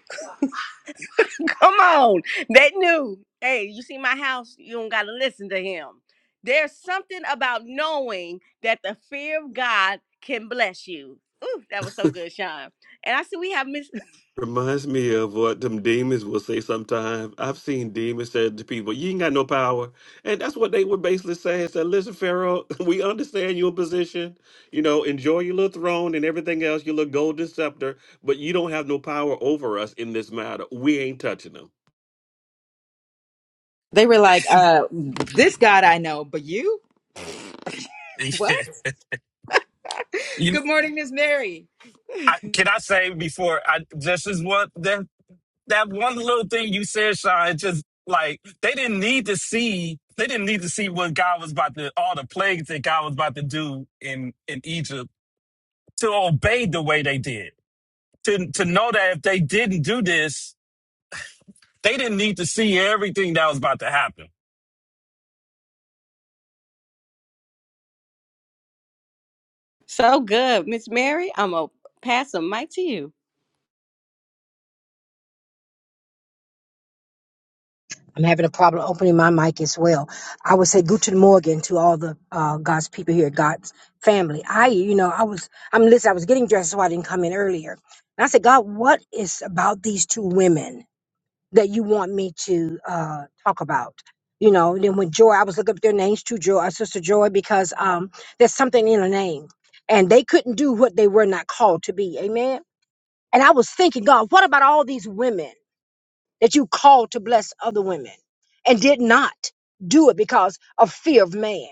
[laughs] Come on. They knew, hey, you see my house, you don't got to listen to him. There's something about knowing that the fear of God can bless you. Ooh, that was so good, Sean. And I see we have Miss Reminds me of what them demons will say sometimes. I've seen demons say to people, You ain't got no power. And that's what they were basically saying. Said, Listen, Pharaoh, [laughs] we understand your position. You know, enjoy your little throne and everything else, your little golden scepter, but you don't have no power over us in this matter. We ain't touching them. They were like, uh, this God I know, but you? [laughs] What? you, Good morning, Miss Mary. I, can I say before I this is what the. that one little thing you said, Sean, just like they didn't need to see they didn't need to see what God was about to all the plagues that God was about to do in in Egypt to obey the way they did. To to know that if they didn't do this, they didn't need to see everything that was about to happen. So good. Miss Mary, I'm going to pass the mic to you. I'm having a problem opening my mic as well. I would say Guten Morgen to all the uh, God's people here, God's family. I, you know, I was, I'm listening, I was getting dressed, so I didn't come in earlier. And I said, God, what is about these two women that you want me to uh, talk about? You know, and then when Joy, I was looking up their names to Joy, our sister Joy, because um, there's something in her name. And they couldn't do what they were not called to be. Amen. And I was thinking, God, what about all these women? that you called to bless other women and did not do it because of fear of man.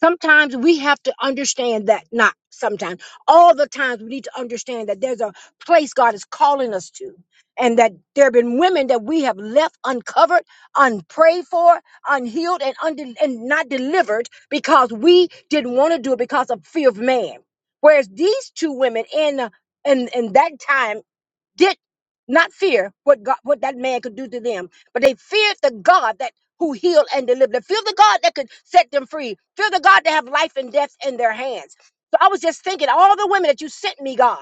Sometimes we have to understand that, not sometimes, all the times we need to understand that there's a place God is calling us to, and that there have been women that we have left uncovered, unprayed for, unhealed, and, unde- and not delivered because we didn't want to do it because of fear of man. Whereas these two women in, in, in that time, did not fear what God, what that man could do to them, but they feared the God that who healed and delivered. They feared the God that could set them free. Fear the God that have life and death in their hands. So I was just thinking, all the women that you sent me, God,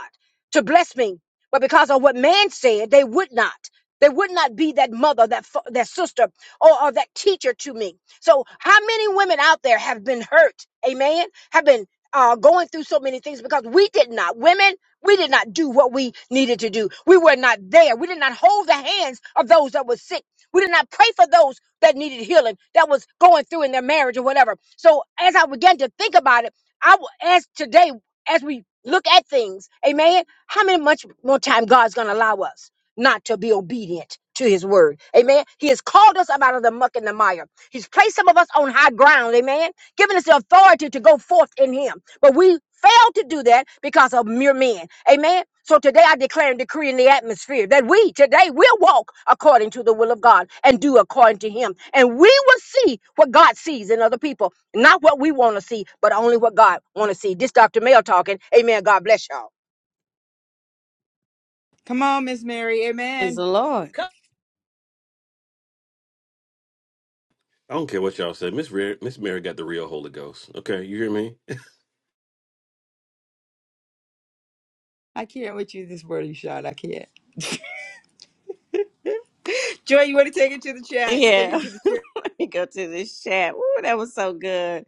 to bless me, but because of what man said, they would not. They would not be that mother, that fa- that sister, or, or that teacher to me. So how many women out there have been hurt? Amen. Have been uh, going through so many things because we did not. Women. We did not do what we needed to do. We were not there. We did not hold the hands of those that were sick. We did not pray for those that needed healing, that was going through in their marriage or whatever. So as I began to think about it, I w- as today, as we look at things, amen, how many much more time God's gonna allow us not to be obedient to his word. Amen. He has called us up out of the muck and the mire. He's placed some of us on high ground, amen, giving us the authority to go forth in him. But we failed to do that because of mere men. Amen. So today I declare and decree in the atmosphere that we today will walk according to the will of God and do according to Him. And we will see what God sees in other people. Not what we want to see, but only what God want to see. This Dr. Mel talking. Amen. God bless y'all. Come on, Miss Mary. Praise Amen. the Lord. Come- I don't care what y'all say. Miss Re- Miss Mary got the real Holy Ghost. Okay, you hear me? I can't with you this morning, Sean. I can't. Joy, you want to take it to the chat? Take it Yeah. to [laughs] the chat. Let me go to this chat. Ooh, that was so good.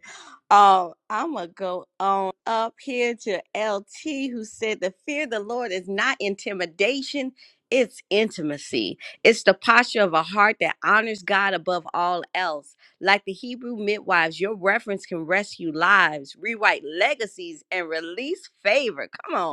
Um, I'm going to go on up here to LT, who said, The fear of the Lord is not intimidation, it's intimacy. It's the posture of a heart that honors God above all else. Like the Hebrew midwives, your reference can rescue lives, rewrite legacies, and release favor. Come on.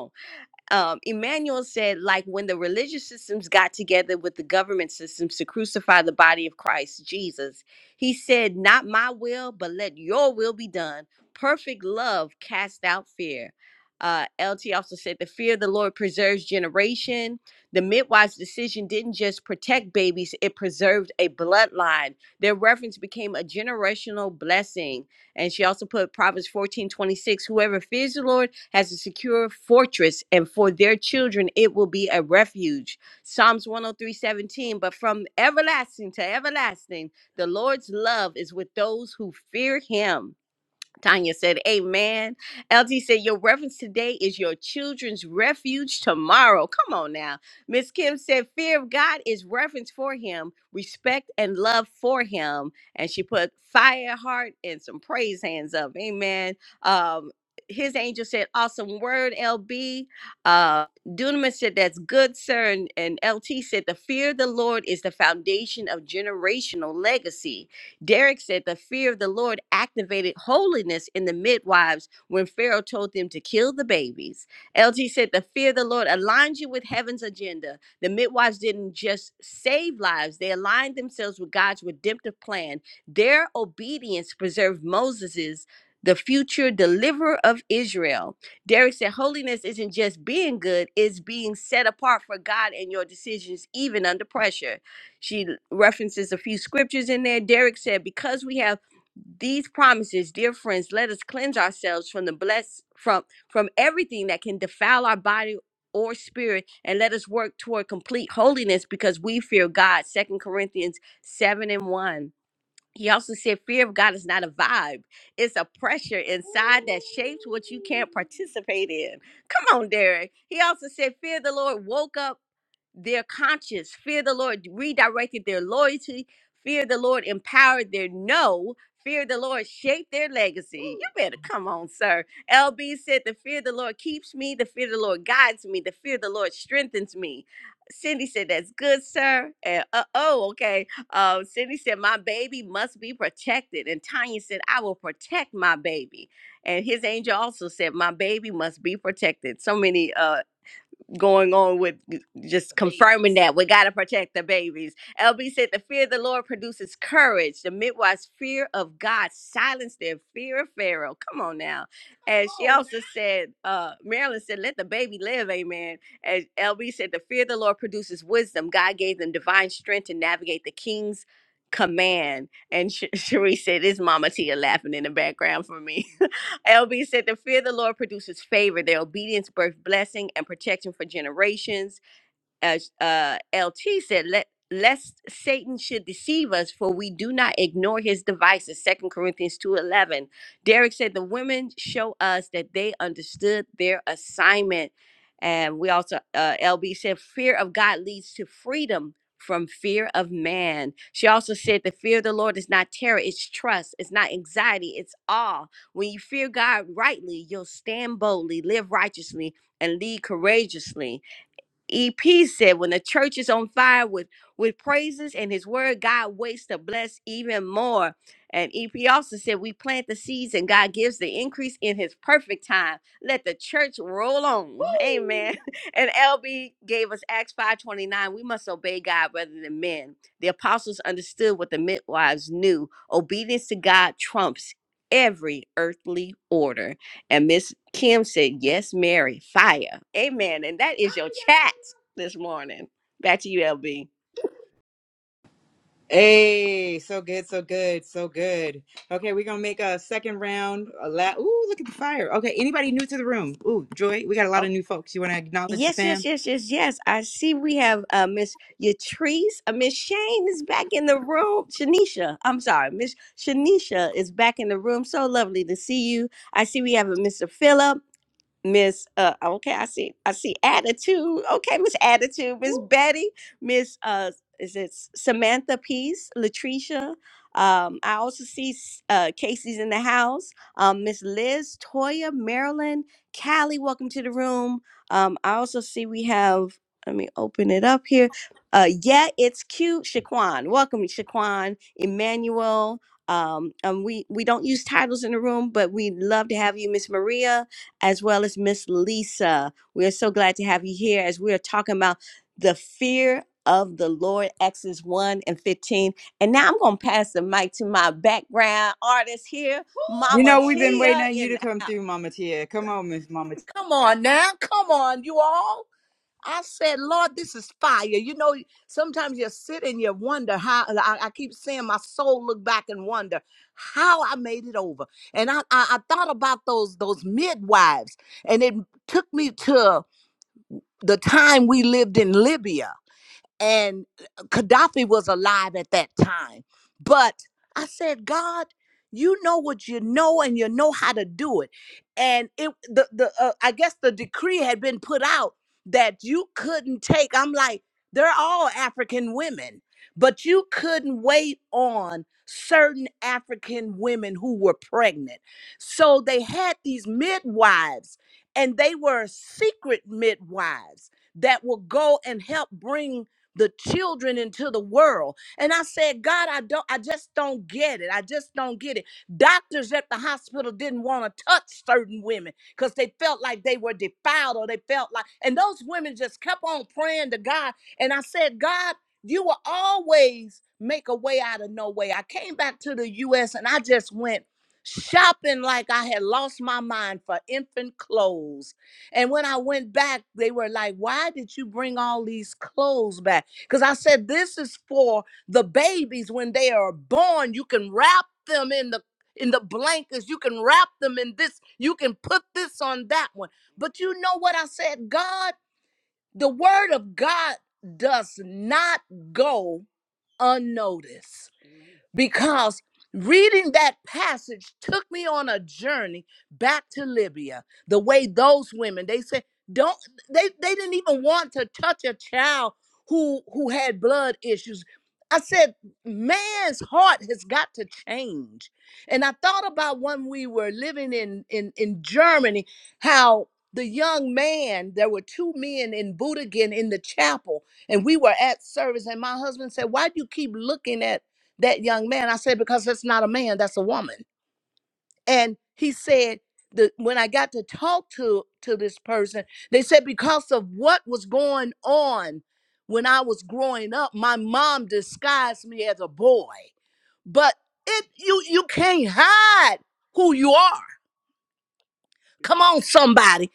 um, Emmanuel said, like when the religious systems got together with the government systems to crucify the body of Christ Jesus, he said, Not my will, but let your will be done. Perfect love cast out fear. Uh, LT also said, The fear of the Lord preserves generation. The midwife's decision didn't just protect babies, it preserved a bloodline. Their reference became a generational blessing. And she also put Proverbs fourteen twenty six. Whoever fears the Lord has a secure fortress, and for their children it will be a refuge. Psalms one hundred three seventeen. But from everlasting to everlasting, the Lord's love is with those who fear him. Tanya said, Amen. LT said, Your reference today is your children's refuge tomorrow. Come on now. Miss Kim said, Fear of God is reverence for him, respect and love for him. And she put fire heart and some praise hands up. Amen. Um, his angel said, Awesome word, LB. Uh, Dunamis said, That's good, sir. And, and LT said, The fear of the Lord is the foundation of generational legacy. Derek said the fear of the Lord activated holiness in the midwives when Pharaoh told them to kill the babies. LG said the fear of the Lord aligns you with heaven's agenda. The midwives didn't just save lives, they aligned themselves with God's redemptive plan. Their obedience preserved Moses's the future deliverer of Israel. Derek said, Holiness isn't just being good, it's being set apart for God and your decisions, even under pressure. She references a few scriptures in there. Derek said, Because we have these promises, dear friends, let us cleanse ourselves from the bless from from everything that can defile our body or spirit, and let us work toward complete holiness because we fear God. Second Corinthians 7 and 1. He also said, Fear of God is not a vibe. It's a pressure inside that shapes what you can't participate in. Come on, Derek. He also said, Fear the Lord woke up their conscience. Fear the Lord redirected their loyalty. Fear the Lord empowered their no. Fear the Lord shaped their legacy. You better come on, sir. LB said, The fear of the Lord keeps me. The fear of the Lord guides me. The fear of the Lord strengthens me. Cindy said, That's good, sir. And, uh, oh, okay. Uh, Cindy said, My baby must be protected. And Tanya said, I will protect my baby. And his angel also said, My baby must be protected. So many. uh going on with just confirming that we got to protect the babies. LB said, The fear of the Lord produces courage. The midwife's fear of God silenced their fear of Pharaoh. Come on now. And she also said, uh, Marilyn said, Let the baby live. Amen. And LB said, The fear of the Lord produces wisdom. God gave them divine strength to navigate the king's command. And Sh- [laughs] Cherie said, It's Mama Tia laughing in the background for me. [laughs] LB said, The fear of the Lord produces favor. Their obedience birth blessing and protection for generations as uh, LT said, let lest Satan should deceive us, for we do not ignore his devices. Second Corinthians two eleven. Derek said the women show us that they understood their assignment, and we also uh, LB said fear of God leads to freedom from fear of man. She also said the fear of the Lord is not terror, it's trust, it's not anxiety, it's awe. When you fear God rightly, you'll stand boldly, live righteously, and lead courageously. EP said, when the church is on fire with, with praises and his word, God waits to bless even more. And EP also said, we plant the seeds and God gives the increase in his perfect time. Let the church roll on. Amen. [laughs] Woo! And LB gave us Acts 5.29. We must obey God rather than men. The apostles understood what the midwives knew. Obedience to God trumps every earthly order. And Miss Kim said, Yes, Mary, fire. Amen. And that is your chat this morning. Back to you, LB. Hey, so good, so good, so good. Okay, we're gonna make a second round. A la- Ooh, look at the fire. Okay, anybody new to the room? Ooh, Joy, we got a lot of Oh, new folks. You want to acknowledge the yes, yes, fam? yes, yes, yes. I see we have uh, Miss Yatrice. Uh, Miss Shane is back in the room. Shanisha, I'm sorry. Miss Shanisha is back in the room. So lovely to see you. I see we have a Mr. Phillip. Miss uh okay, I see I see attitude. Okay, Miss Attitude, Miss Betty, Miss uh is it Samantha Peace, Latricia. Um, I also see S- uh Casey's in the house. Um, Miss Liz, Toya, Marilyn, Callie, welcome to the room. Um, I also see we have let me open it up here. Uh yeah, it's cute, Shaquan. Welcome, Shaquan, Emmanuel. Um, um we we don't use titles in the room, but we love to have you, Miss Maria as well as Miss Lisa. We are so glad to have you here as we are talking about the fear of the Lord, Exodus 1 and 15. And now I'm going to pass the mic to my background artist here, You Mama know we've been waiting Tia on you in to come the house. through, Mama Tia. Come on, Miss Mama. Tia. Come on now. Come on, you all. I said, Lord, this is fire. You know, sometimes you sit and you wonder how I, I keep saying my soul look back and wonder how I made it over. And I, I, I thought about those those midwives, and it took me to the time we lived in Libya and uh, Gaddafi was alive at that time. But I said, God, you know what you know, and you know how to do it. And it, the the uh, I guess the decree had been put out that you couldn't take. I'm like, they're all African women, but you couldn't wait on certain African women who were pregnant. So they had these midwives, and they were secret midwives that will go and help bring the children into the world. And I said, God, I don't, I just don't get it. I just don't get it. Doctors at the hospital didn't want to touch certain women because they felt like they were defiled or they felt like, and those women just kept on praying to God. And I said, God, you will always make a way out of no way. I came back to the US and I just went shopping like I had lost my mind for infant clothes. And when I went back, they were like, Why did you bring all these clothes back? Because I said, this is for the babies when they are born. You can wrap them in the in the blankets. You can wrap them in this. You can put this on that one. But you know what I said? God, the word of God does not go unnoticed because reading that passage took me on a journey back to Libya. The way those women, they said, don't they they didn't even want to touch a child who who had blood issues. I said, man's heart has got to change. And I thought about when we were living in in, in Germany, how the young man, there were two men in Budogan in the chapel, and we were at service. And my husband said, Why do you keep looking at that young man. I said, because that's not a man, that's a woman. And he said, the, when I got to talk to to this person, they said because of what was going on when I was growing up, my mom disguised me as a boy. But it you you can't hide who you are. Come on, somebody.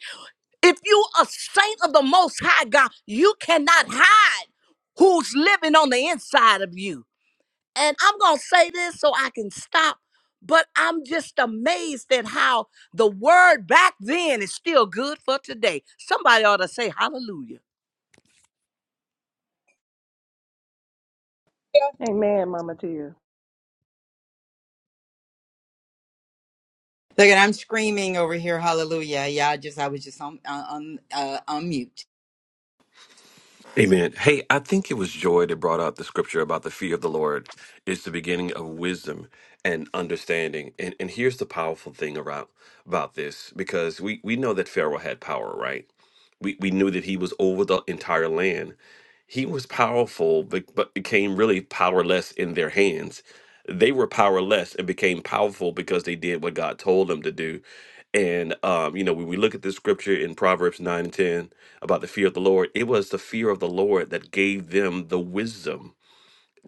If you a saint of the most high God, you cannot hide who's living on the inside of you. And I'm going to say this so I can stop, but I'm just amazed at how the word back then is still good for today. Somebody ought to say hallelujah. Amen, Mama Tia. Look at I'm screaming over here, Hallelujah! Yeah, I just I was just on on uh, on mute. Amen. Hey, I think it was Joy that brought out the scripture about the fear of the Lord is the beginning of wisdom and understanding. And and here's the powerful thing about about this, because we, we know that Pharaoh had power, right? We, we knew that he was over the entire land. He was powerful, but, but became really powerless in their hands. They were powerless and became powerful because they did what God told them to do. And, um, you know, when we look at this scripture in Proverbs 9 and 10 about the fear of the Lord, it was the fear of the Lord that gave them the wisdom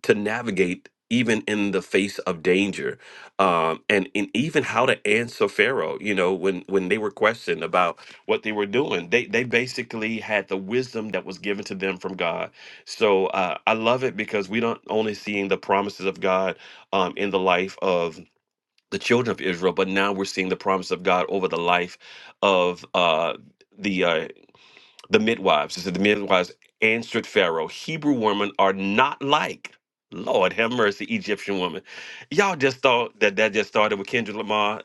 to navigate even in the face of danger um, and, and even how to answer pharaoh you know when when they were questioned about what they were doing they they basically had the wisdom that was given to them from god so uh, i love it because we don't only seeing the promises of god um, in the life of the children of israel but now we're seeing the promise of god over the life of uh, the uh, the midwives. It said the midwives answered Pharaoh, Hebrew women are not like, Lord have mercy, Egyptian women. Y'all just thought that that just started with Kendrick Lamar.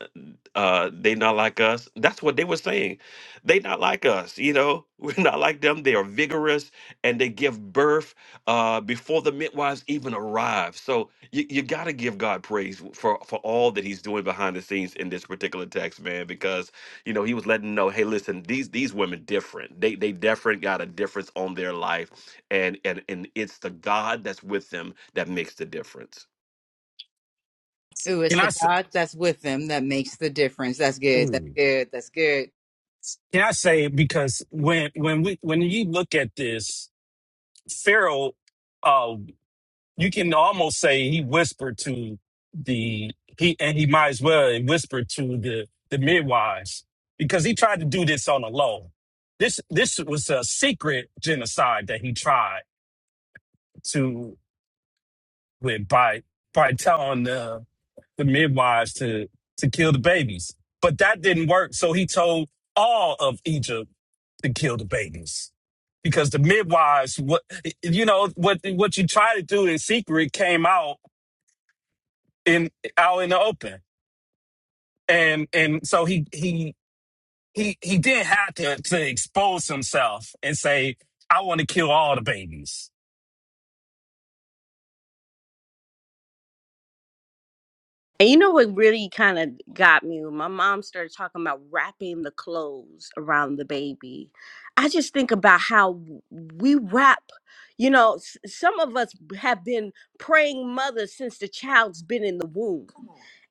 Uh, they not like us. That's what they were saying. They not like us. You know, [laughs] we're not like them. They are vigorous and they give birth uh, before the midwives even arrive. So you, you got to give God praise for for all that He's doing behind the scenes in this particular text, man. Because you know, he was letting them know, hey, listen, these these women different. They they different got a difference on their life, and and and it's the God that's with them that makes the difference. Ooh, it's Can the I say God that's with them that makes the difference. That's good. That's mm, good. That's good. can I say because when when we when you look at this, Pharaoh uh, you can almost say he whispered to the he and he might as well whisper to the the midwives because he tried to do this on a low. This this was a secret genocide that he tried to with by by telling the the midwives to to kill the babies, but that didn't work. So he told all of Egypt to kill the babies because the midwives what you know what what you try to do in secret came out in out in the open and and so he he he he did have to to expose himself and say, "I want to kill all the babies And you know what really kind of got me when my mom started talking about wrapping the clothes around the baby. I just think about how we wrap. You know, s- some of us have been praying mothers since the child's been in the womb.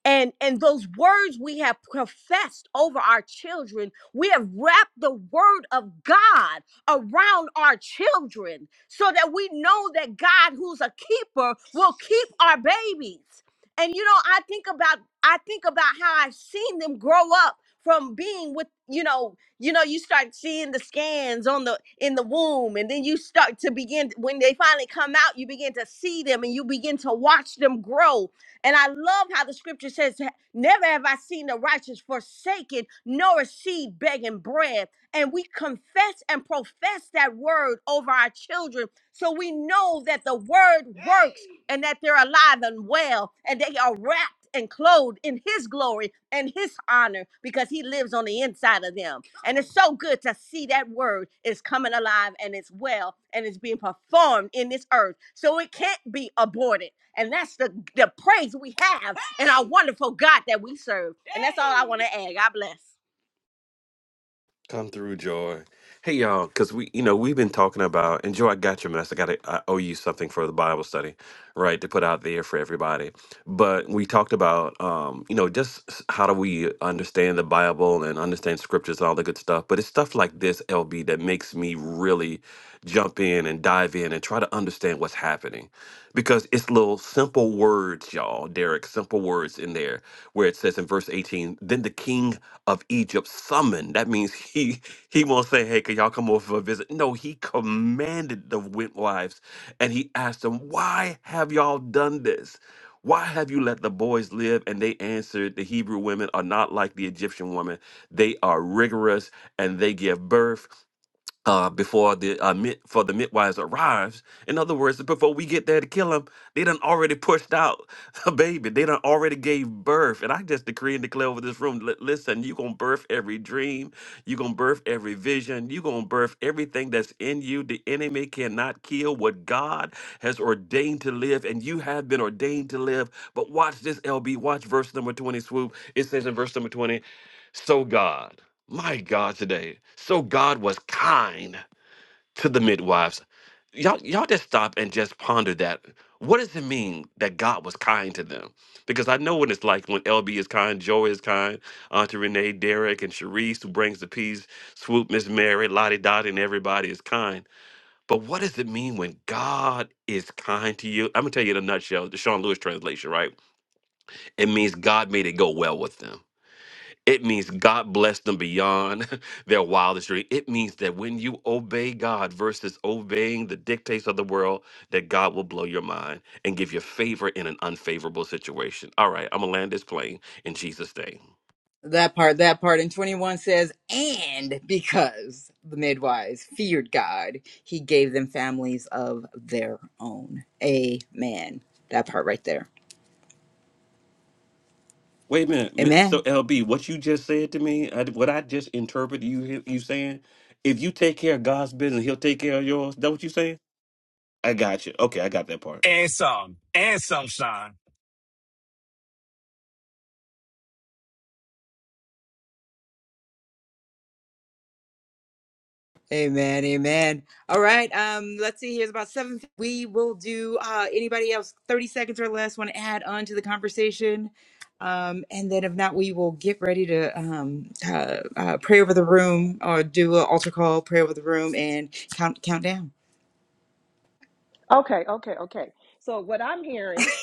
and and those words we have professed over our children we have wrapped the word of god around our children so that we know that god who's a keeper will keep our babies and you know i think about i think about how i've seen them grow up from being with you know you know you start seeing the scans on the in the womb and then you start to begin when they finally come out you begin to see them and you begin to watch them grow and I love how the scripture says, Never have I seen the righteous forsaken, nor a seed begging bread. And we confess and profess that word over our children. So we know that the word works and that they're alive and well, and they are wrapped and clothed in his glory and his honor because he lives on the inside of them. And it's so good to see that word is coming alive and it's well and it's being performed in this earth. So it can't be aborted. And that's the, the praise we have in our wonderful God that we serve. And that's all I want to add. God bless. Come through, Joy. Hey, y'all, because we, you know, we've been talking about, and Joy, I got your mess. I got to, I owe you something for the Bible study, right, to put out there for everybody. But we talked about, um, you know, just s- how do we understand the Bible and understand scriptures and all the good stuff. But it's stuff like this, LB, that makes me really jump in and dive in and try to understand what's happening. Because it's little simple words, y'all, Derek, simple words in there where it says in verse 18, then the king of Egypt summoned. That means [laughs] he he won't say, "Hey, can y'all come over for a visit?" No, he commanded the midwives, and he asked them, "Why have y'all done this? Why have you let the boys live?" And they answered, "The Hebrew women are not like the Egyptian women. They are rigorous, and they give birth uh, before the uh, mid, for the midwives arrives. In other words, before we get there to kill him, they done already pushed out [laughs] a baby. They done already gave birth. And I just decree and declare over this room, li- listen, you going to birth every dream. you going to birth every vision. you going to birth everything that's in you. The enemy cannot kill what God has ordained to live. And you have been ordained to live. But watch this, LB. Watch verse number 20, Swoop. It says in verse number 20, so God. My God, today. So God was kind to the midwives. Y'all, y'all just stop and just ponder that. What does it mean that God was kind to them? Because I know what it's like when LB is kind, Joy is kind, Auntie Renee, Derek, and Sharice, who brings the peace, Swoop, Miss Mary, Lottie Dottie, and everybody is kind. But what does it mean when God is kind to you? I'm going to tell you in a nutshell, the Sean Lewis translation, right? It means God made it go well with them. It means God bless them beyond [laughs] their wildest dream. It means that when you obey God versus obeying the dictates of the world, that God will blow your mind and give you favor in an unfavorable situation. All right, I'm gonna land this plane in Jesus' name. That part, that part. And 21 says, and because the midwives feared God, he gave them families of their own. Amen. That part right there. Wait a minute. mi- So Amen. LB, what you just said to me, I, what I just interpreted you he- you saying, if you take care of God's business, He'll take care of yours. That what you saying? I got you. Okay, I got that part. and some and some shine." Amen. Amen. All right. Um, let's see. Here's about seven. We will do uh anybody else 30 seconds or less want to add on to the conversation. Um, and then if not, we will get ready to um uh, uh pray over the room or do an altar call, pray over the room and count count down. Okay, okay, okay. So what I'm hearing [laughs]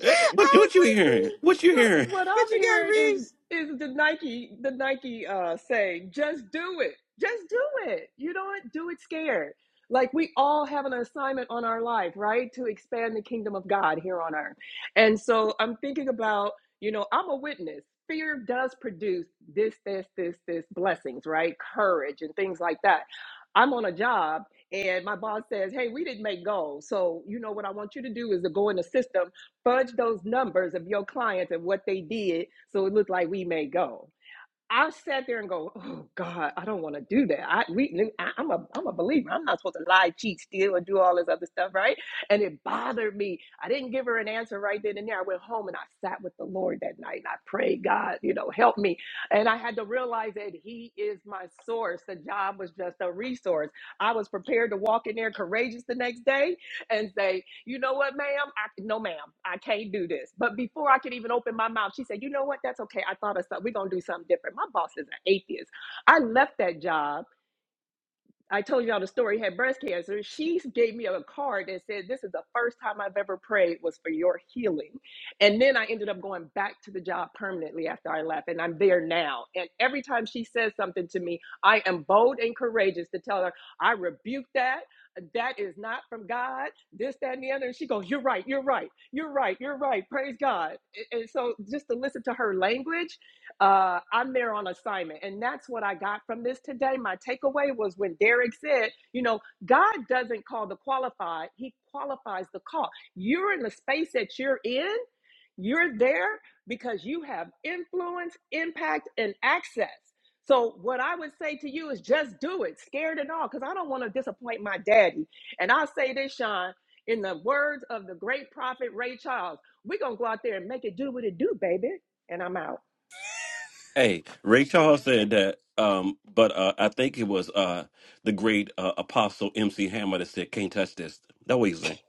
Eh, [laughs] What was what you waiting for hearing? you. What you What hearing? what What I'm you got, hearing is Reeves? is the Nike the Nike uh saying, just do it. Just do it. You know what? Do it scared. Like we all have an assignment on our life, right? To expand the kingdom of God here on earth. And so I'm thinking about, you know, I'm a witness. Fear does produce this, this, this, this blessings, right? Courage and things like that. I'm on a job and my boss says, Hey, we didn't make goals. So you know what I want you to do is to go in the system fudge those numbers of your clients and what they did so it looked like we may go. I sat there and go, oh God, I don't want to do that. I, we, I, I'm a, I'm a believer. I'm not supposed to lie, cheat, steal, and do all this other stuff, right? And it bothered me. I didn't give her an answer right then and there. I went home and I sat with the Lord that night and I prayed, God, you know, help me. And I had to realize that He is my source. The job was just a resource. I was prepared to walk in there courageous the next day and say, you know what, ma'am? I, no, ma'am, I can't do this. But before I could even open my mouth, she said, You know what? That's okay. I thought of something. We're going to do something different. My boss is an atheist. I left that job I told y'all the story had breast cancer. She gave me a card that said, This is the first time I've ever prayed was for your healing. And then I ended up going back to the job permanently after I left, and I'm there now. And every time she says something to me, I am bold and courageous to tell her, I rebuke that. That is not from God, this, that, and the other. And she goes, You're right, you're right, you're right, you're right. Praise God. And and so just to listen to her language uh, I'm there on assignment. And that's what I got from this today. My takeaway was when Derek said, you know, God doesn't call the qualified, He qualifies the call. You're in the space that you're in, you're there because you have influence, impact, and access. So, what I would say to you is just do it, scared and all, because I don't want to disappoint my daddy. And I'll say this, Sean, in the words of the great prophet Ray Charles, we're going to go out there and make it do what it do, baby. And I'm out. Hey, Ray Charles said that, um, but uh, I think it was uh, the great uh, apostle MC Hammer that said, "Can't touch this." That what he said.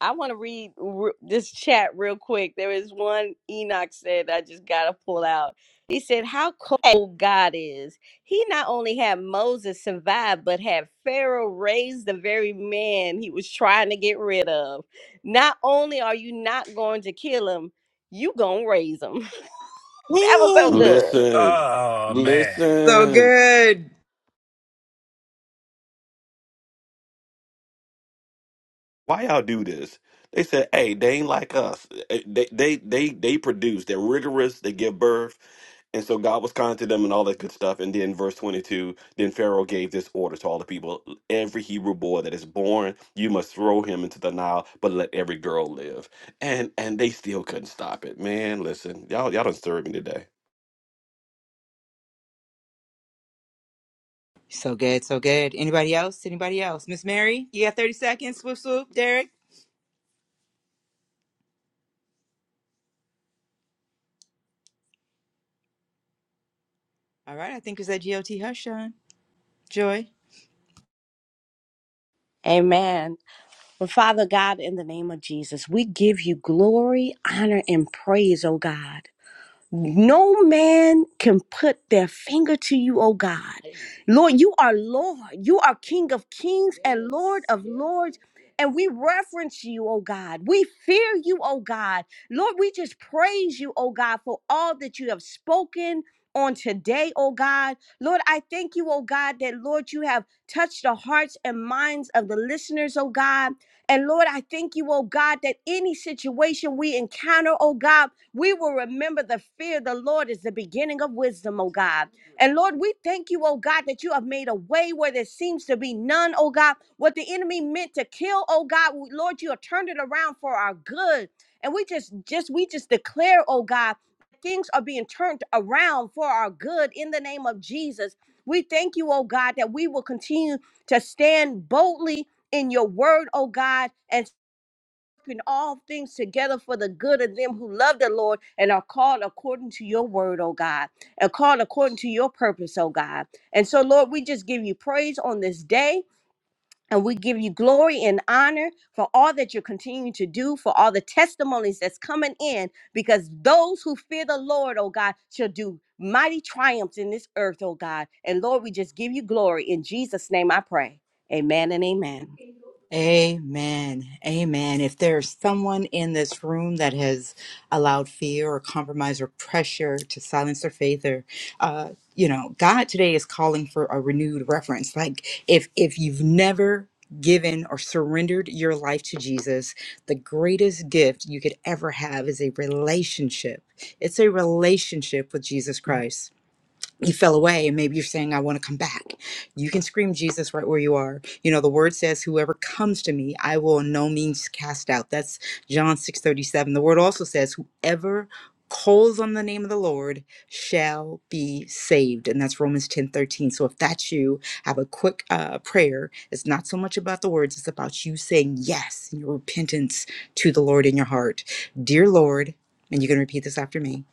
I want to read r- this chat real quick. There is one Enoch said I just got to pull out. He said, How cold God is. He not only had Moses survive, but had Pharaoh raise the very man he was trying to get rid of. Not only are you not going to kill him, you going to raise him. [laughs] that was so Woo! good. Listen, Oh man, So listen. good. Why y'all do this? They said, hey, they ain't like us. Eh, They they they they produce. They're rigorous. They give birth. And so God was kind to them and all that good stuff. And then verse 22, then Pharaoh gave this order to all the people. Every Hebrew boy that is born, you must throw him into the Nile, but let every girl live. And and they still couldn't stop it. Man, listen, y'all y'all done stirred me today. So good, so good. Anybody else? Anybody else? Miss Mary, you got 30 seconds. Swoop, swoop. Derek. All right, I think it's that GOT hush, Sean. Joy. Amen. But Father God, in the name of Jesus, we give you glory, honor, and praise, oh God. No man can put their finger to you, oh God. Lord, you are Lord. You are King of kings and Lord of lords. And we reverence you, oh God. We fear you, oh God. Lord, we just praise you, oh God, for all that you have spoken on today, oh God. Lord, I thank you, oh God, that Lord, you have touched the hearts and minds of the listeners, oh God. And Lord, I thank you, oh God, that any situation we encounter, oh God, we will remember the fear of the Lord is the beginning of wisdom, oh God. And Lord, we thank you, oh God, that you have made a way where there seems to be none, oh God. What the enemy meant to kill, oh God, Lord, you have turned it around for our good. And we just, just, we just declare, oh God, things are being turned around for our good in the name of Jesus. We thank you, oh God, that we will continue to stand boldly in your word, oh God, and working all things together for the good of them who love the Lord and are called according to your word, oh God, and called according to your purpose, oh God. And so, Lord, we just give you praise on this day. And we give you glory and honor for all that you're continuing to do, for all the testimonies that's coming in, because those who fear the Lord, oh God, shall do mighty triumphs in this earth, oh God. And Lord, we just give you glory. In Jesus' name I pray. Amen and amen. Amen. Amen. If there's someone in this room that has allowed fear or compromise or pressure to silence their faith or uh you know, God today is calling for a renewed reference. Like if if you've never given or surrendered your life to Jesus, the greatest gift you could ever have is a relationship. It's a relationship with Jesus Christ you fell away and maybe you're saying i want to come back you can scream jesus right where you are you know the word says whoever comes to me i will in no means cast out that's john 6 37. the word also says whoever calls on the name of the lord shall be saved and that's romans 10 13. so if that's you have a quick uh, prayer it's not so much about the words it's about you saying yes and your repentance to the lord in your heart dear lord and you can repeat this after me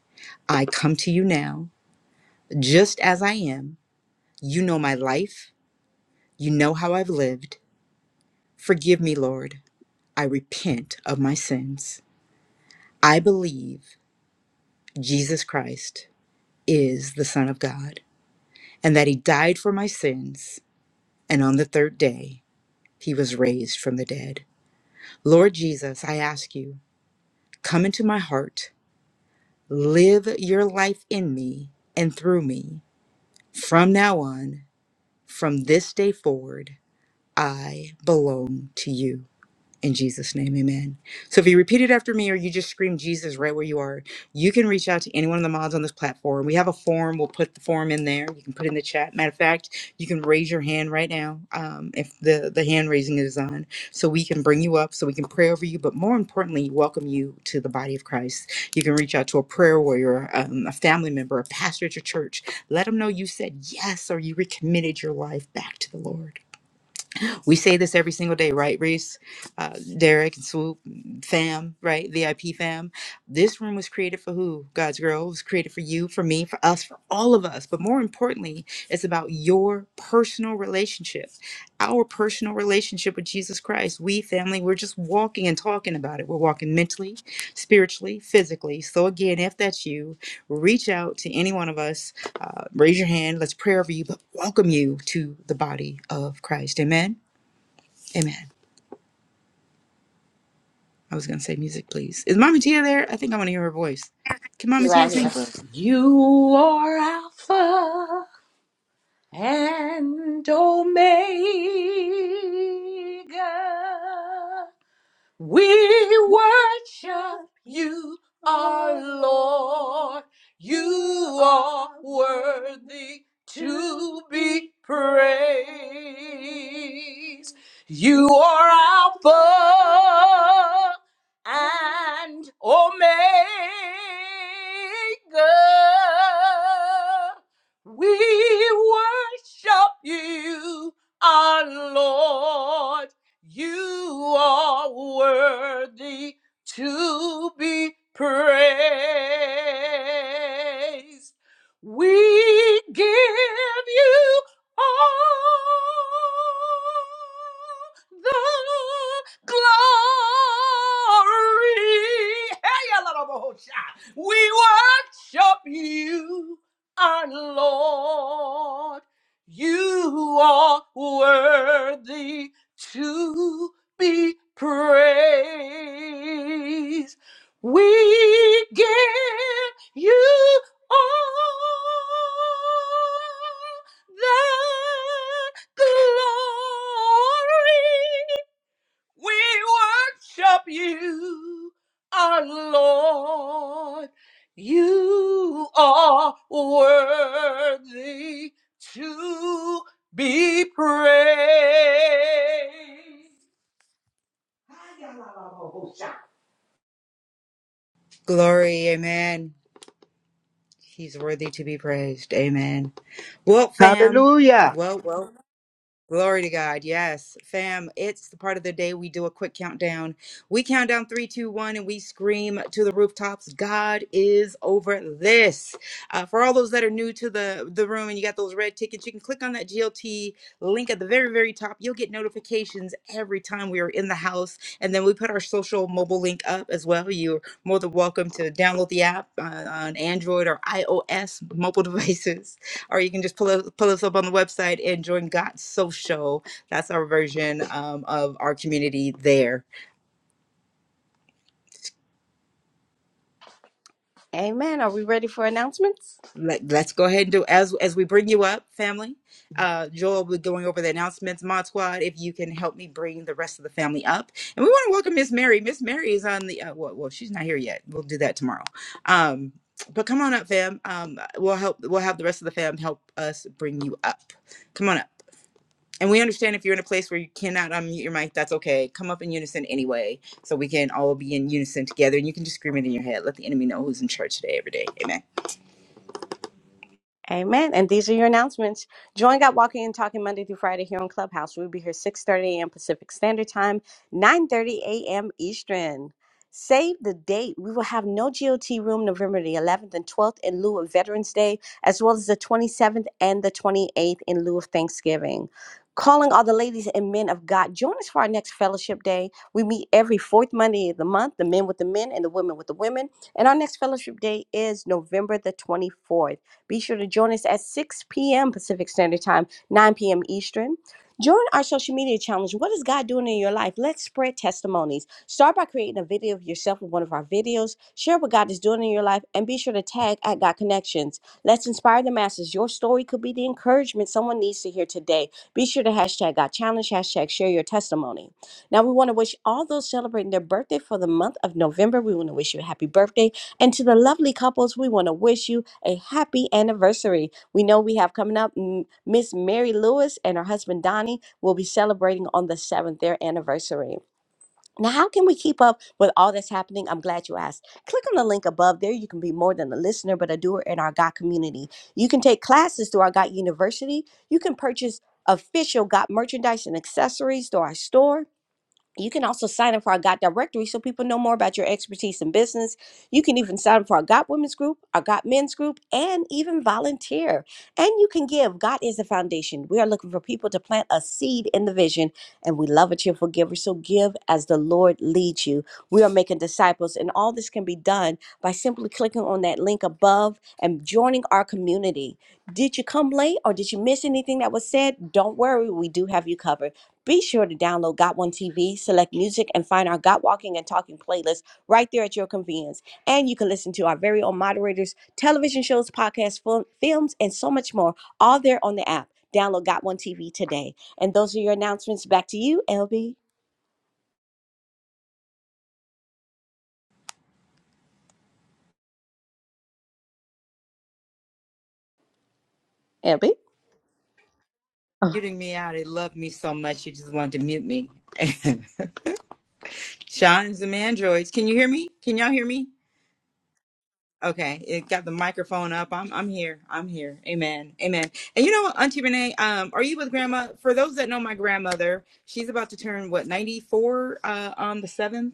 i come to you now just as I am, you know my life, you know how I've lived. Forgive me, Lord. I repent of my sins. I believe Jesus Christ is the Son of God and that He died for my sins, and on the third day, He was raised from the dead. Lord Jesus, I ask you, come into my heart, live your life in me and through me. From now on, from this day forward, I belong to you. In Jesus' name, amen. So if you repeat it after me or you just scream Jesus right where you are, you can reach out to any one of the mods on this platform. We have a form. We'll put the form in there. You can put it in the chat. Matter of fact, you can raise your hand right now um, if the, the hand raising is on. So we can bring you up, so we can pray over you, but more importantly, welcome you to the body of Christ. You can reach out to a prayer warrior, um, a family member, a pastor at your church. Let them know you said yes or you recommitted your life back to the Lord. We say this every single day, right, Reese, uh, Derek, and Swoop, fam, right? VIP fam. This room was created for who? God's girl. It was created for you, for me, for us, for all of us. But more importantly, it's about your personal relationship, our personal relationship with Jesus Christ. We, family, we're just walking and talking about it. We're walking mentally, spiritually, physically. So, again, if that's you, reach out to any one of us uh, raise your hand. Let's pray over you, but welcome you to the body of Christ. Amen. Amen. I was going to say music, please. Is Mama Tia there? I think I want to hear her voice. Can Mama Tia sing for us? You are Alpha and Omega. We worship you, our Lord. You are worthy to be praised. You are Alpha and Omega. We worship you, our Lord. You are worthy to be praised. We give you all the glory. Hey, Alabaosha. We worship you, our Lord. You are worthy to be praised. We give you all the glory. We worship you, our Lord. You are worthy to be praised. Yalalabobo. Glory, amen. He's worthy to be praised. Amen. Well, fam. Hallelujah. Well, well. Glory to God. Yes, fam. It's the part of the day we do a quick countdown. We count down three, two, one, and we scream to the rooftops. God is over this. Uh, for all those that are new to the, the room and you got those red tickets, you can click on that GLT link at the very, very top. You'll get notifications every time we are in the house. And then we put our social mobile link up as well. You're more than welcome to download the app uh, on Android or iOS mobile [laughs] devices or you can just pull, us- pull us up on the website and join Got Social. That's our version um, of our community there. Let, let's go ahead and do as as we bring you up, family. Uh, Joel will be going over the announcements. Mod Squad, if you can help me bring the rest of the family up, and we want to welcome Miss Mary. Miss Mary is on the uh, well, well, she's not here yet. We'll do that tomorrow. Um, but come on up, fam. Um, we'll help. We'll have the rest of the fam help us bring you up. Come on up. And we understand if you're in a place where you cannot unmute your mic, that's okay. Come up in unison anyway, so we can all be in unison together. And you can just scream it in your head. Let the enemy know who's in church today, every day. Amen. Amen. And these are your announcements. Join God Walking and Talking Monday through Friday here on Clubhouse. We'll be here 6.30 a.m. Pacific Standard Time, 9.30 a.m. Eastern. Save the date. We will have no GOT room November the 11th and 12th in lieu of Veterans Day, as well as the 27th and the 28th in lieu of Thanksgiving. Calling all the ladies and men of God, join us for our next fellowship day. We meet every fourth Monday of the month, the men with the men and the women with the women. And our next fellowship day is November the 24th. Be sure to join us at 6 p.m. Pacific Standard Time, 9 p.m. Eastern. Join our social media challenge. What is God doing in your life? Let's spread testimonies. Start by creating a video of yourself with one of our videos. Share what God is doing in your life and be sure to tag at God Connections. Let's inspire the masses. Your story could be the encouragement someone needs to hear today. Be sure to hashtag God Challenge, hashtag share your testimony. Now, we want to wish all those celebrating their birthday for the month of November, we want to wish you a happy birthday. And to the lovely couples, we want to wish you a happy anniversary. We know we have coming up mm, Miss Mary Lewis and her husband Donnie will be celebrating on the seventh their anniversary. Now, how can we keep up with all that's happening? I'm glad you asked. Click on the link above. There, you can be more than a listener, but a doer in our GOT community. You can take classes through our GOT University. You can purchase official GOT merchandise and accessories through our store. You can also sign up for our GOT directory so people know more about your expertise in business. You can even sign up for our GOT women's group, our GOT men's group, and even volunteer. And you can give. God is the foundation. We are looking for people to plant a seed in the vision, and we love a cheerful giver. So give as the Lord leads you. We are making disciples, and all this can be done by simply clicking on that link above and joining our community. Did you come late or did you miss anything that was said? Don't worry, we do have you covered. Be sure to download Got One TV, select music, and find our Got Walking and Talking playlist right there at your convenience. And you can listen to our very own moderators, television shows, podcasts, fil- films, and so much more, all there on the app. Download Got One TV today. And those are your announcements. Back to you, LB. LB. Muting me out. It loved me so much. You just wanted to mute me. [laughs] Sean is the man Can you hear me? Can y'all hear me? Okay, it got the microphone up. I'm I'm here. I'm here. Amen. Amen. And you know, what, Auntie Renee, um, are you with Grandma? For those that know my grandmother, she's about to turn what 94 uh, on the seventh.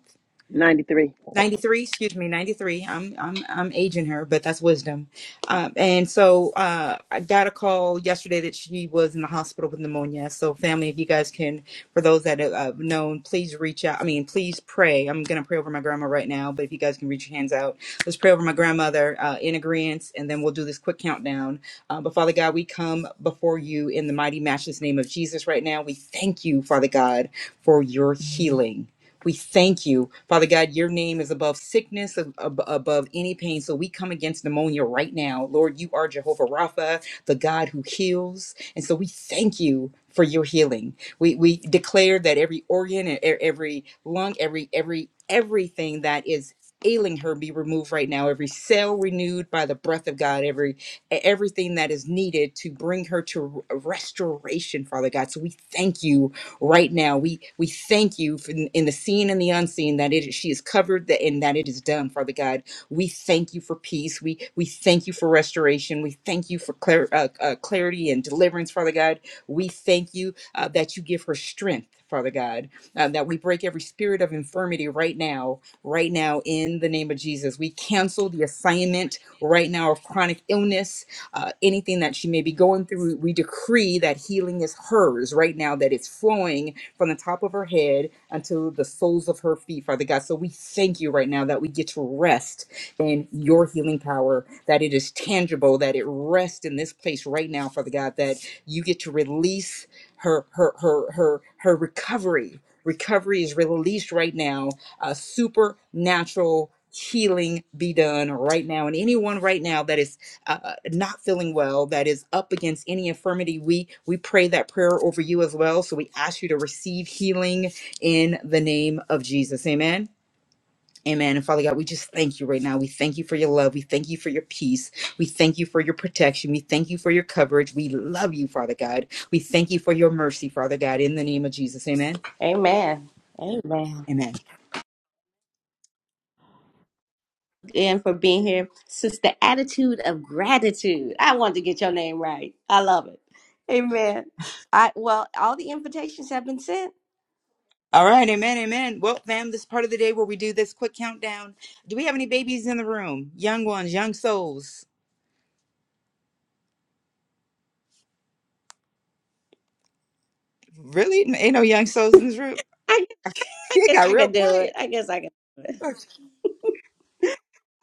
93. 93 excuse me 93 i'm i'm i'm aging her but that's wisdom um and so uh i got a call yesterday that she was in the hospital with pneumonia so family if you guys can for those that have uh, known please reach out i mean please pray i'm gonna pray over my grandma right now but if you guys can reach your hands out let's pray over my grandmother uh in agreement and then we'll do this quick countdown uh, but father god we come before you in the mighty matchless name of jesus right now we thank you father god for your healing we thank you, Father God. Your name is above sickness, ab- ab- above any pain. So we come against pneumonia right now. Lord, you are Jehovah Rapha, the God who heals. And so we thank you for your healing. We, we declare that every organ and e- every lung, every, every, everything that is ailing her be removed right now every cell renewed by the breath of god every e- everything that is needed to bring her to r- restoration father god so we thank you right now. We we thank you for in, in the seen and the unseen that it she is covered that and that it is done, Father God. We thank you for peace. We we thank you for restoration. We thank you for clar- uh, uh, clarity and deliverance, Father God. We thank you uh, that you give her strength, Father God. Uh, that we break every spirit of infirmity right now, right now in the name of Jesus. We cancel the assignment right now of chronic illness uh, anything that she may be going through. We decree that healing is hers right now, that it's flowing from the top of her head until the soles of her feet, Father God. So we thank you right now that we get to rest in your healing power, that it is tangible, that it rests in this place right now, Father God, that you get to release her her her her her recovery. Recovery is released right now. A supernatural healing be done right now. And anyone right now that is uh, not feeling well that is up against any infirmity we we pray that prayer over you as well so we ask you to receive healing in the name of jesus amen Amen. And Father God, we just thank you right now. We thank you for your love. We thank you for your peace. We thank you for your protection. We thank you for your coverage. We love you, Father God. We thank you for your mercy, Father God, in the name of Jesus. Amen. Amen. Amen. Amen. And for being here, sister, attitude of gratitude. I wanted to get your name right. I love it. Amen. I well, all the invitations have been sent. All right. Amen. Amen. Well, fam, this part of the day where we do this quick countdown. Do we have any babies in the room? Young ones, young souls. Really? Ain't no young souls in this room. I [laughs] It guess got I real can do quiet. it. I guess I can do it.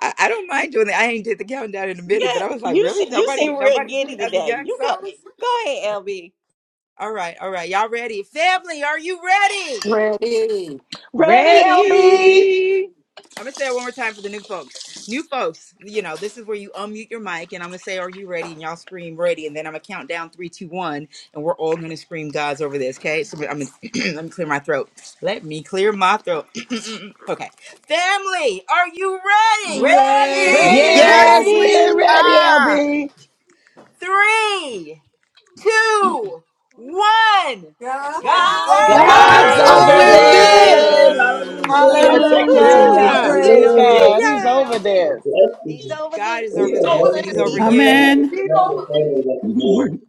I, I don't mind doing that. I ain't did the countdown in a minute, but I Yeah, was like, you se- really? you Nobody, seem real nobody did giddy other today. young You go. souls? Go ahead, LB. All right, all right. Y'all ready? Family, are you ready? Ready, LB? Ready, I'm gonna say it one more time for the new folks. New folks, you know, this is where you unmute your mic and I'm gonna say, Are you ready? And y'all scream ready, and then I'm gonna count down three, two, one, and we're all gonna scream God's over this, okay? So I'm gonna [clears throat] let me clear my throat. Let me clear my throat. [clears throat] okay. Family, are you ready? Ready? Hooray! Ready, Yes, Yes, LB? we we're ready, ready, are. LB. three, two, one. God's God's God God's over not God's over God's this. guys is over over over this. over over over this. this. this. this. this. Hallelujah. this. Hallelujah. God's Thank over you, G O Woohoo! this. Jesus. Hallelujah. T. Hallelujah. G Praise O T. God. Hallelujah. He's G Hallelujah. O over T. this. Bless you, He's Jesus. over God this. is It's over a He's over this, and this. He's wonderful, over He's over you. this. uh, Amen. He's wonderful over thing this. with the Lord. [laughs]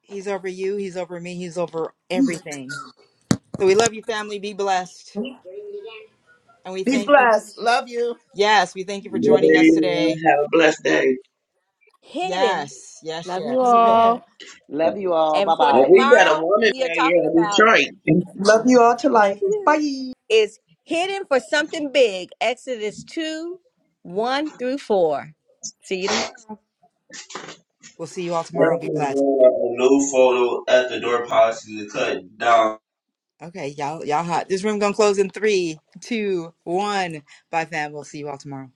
He's over you. He's over me. He's over everything. So we love you, family. Be blessed. And we Be thank you. For, blessed. Love you. yes, we thank you for joining us Everyone today. have a blessed day. Hidden. Yes, yes, Love you yes. [laughs] all. Amen. Love you all. Bye And for And bye. we got a tomorrow, woman we are right here talking in about Detroit. Love you all to love life. you. Bye. Is hidden for something big. Exodus 2, 1 through 4. See you tomorrow. We'll see you all [laughs] tomorrow. Be Blessings, blessed. Lord. A new photo at the door policy to cut down. Okay, y'all, y'all hot. This room gonna close in three, two, one. Bye, fam. We'll see you all tomorrow.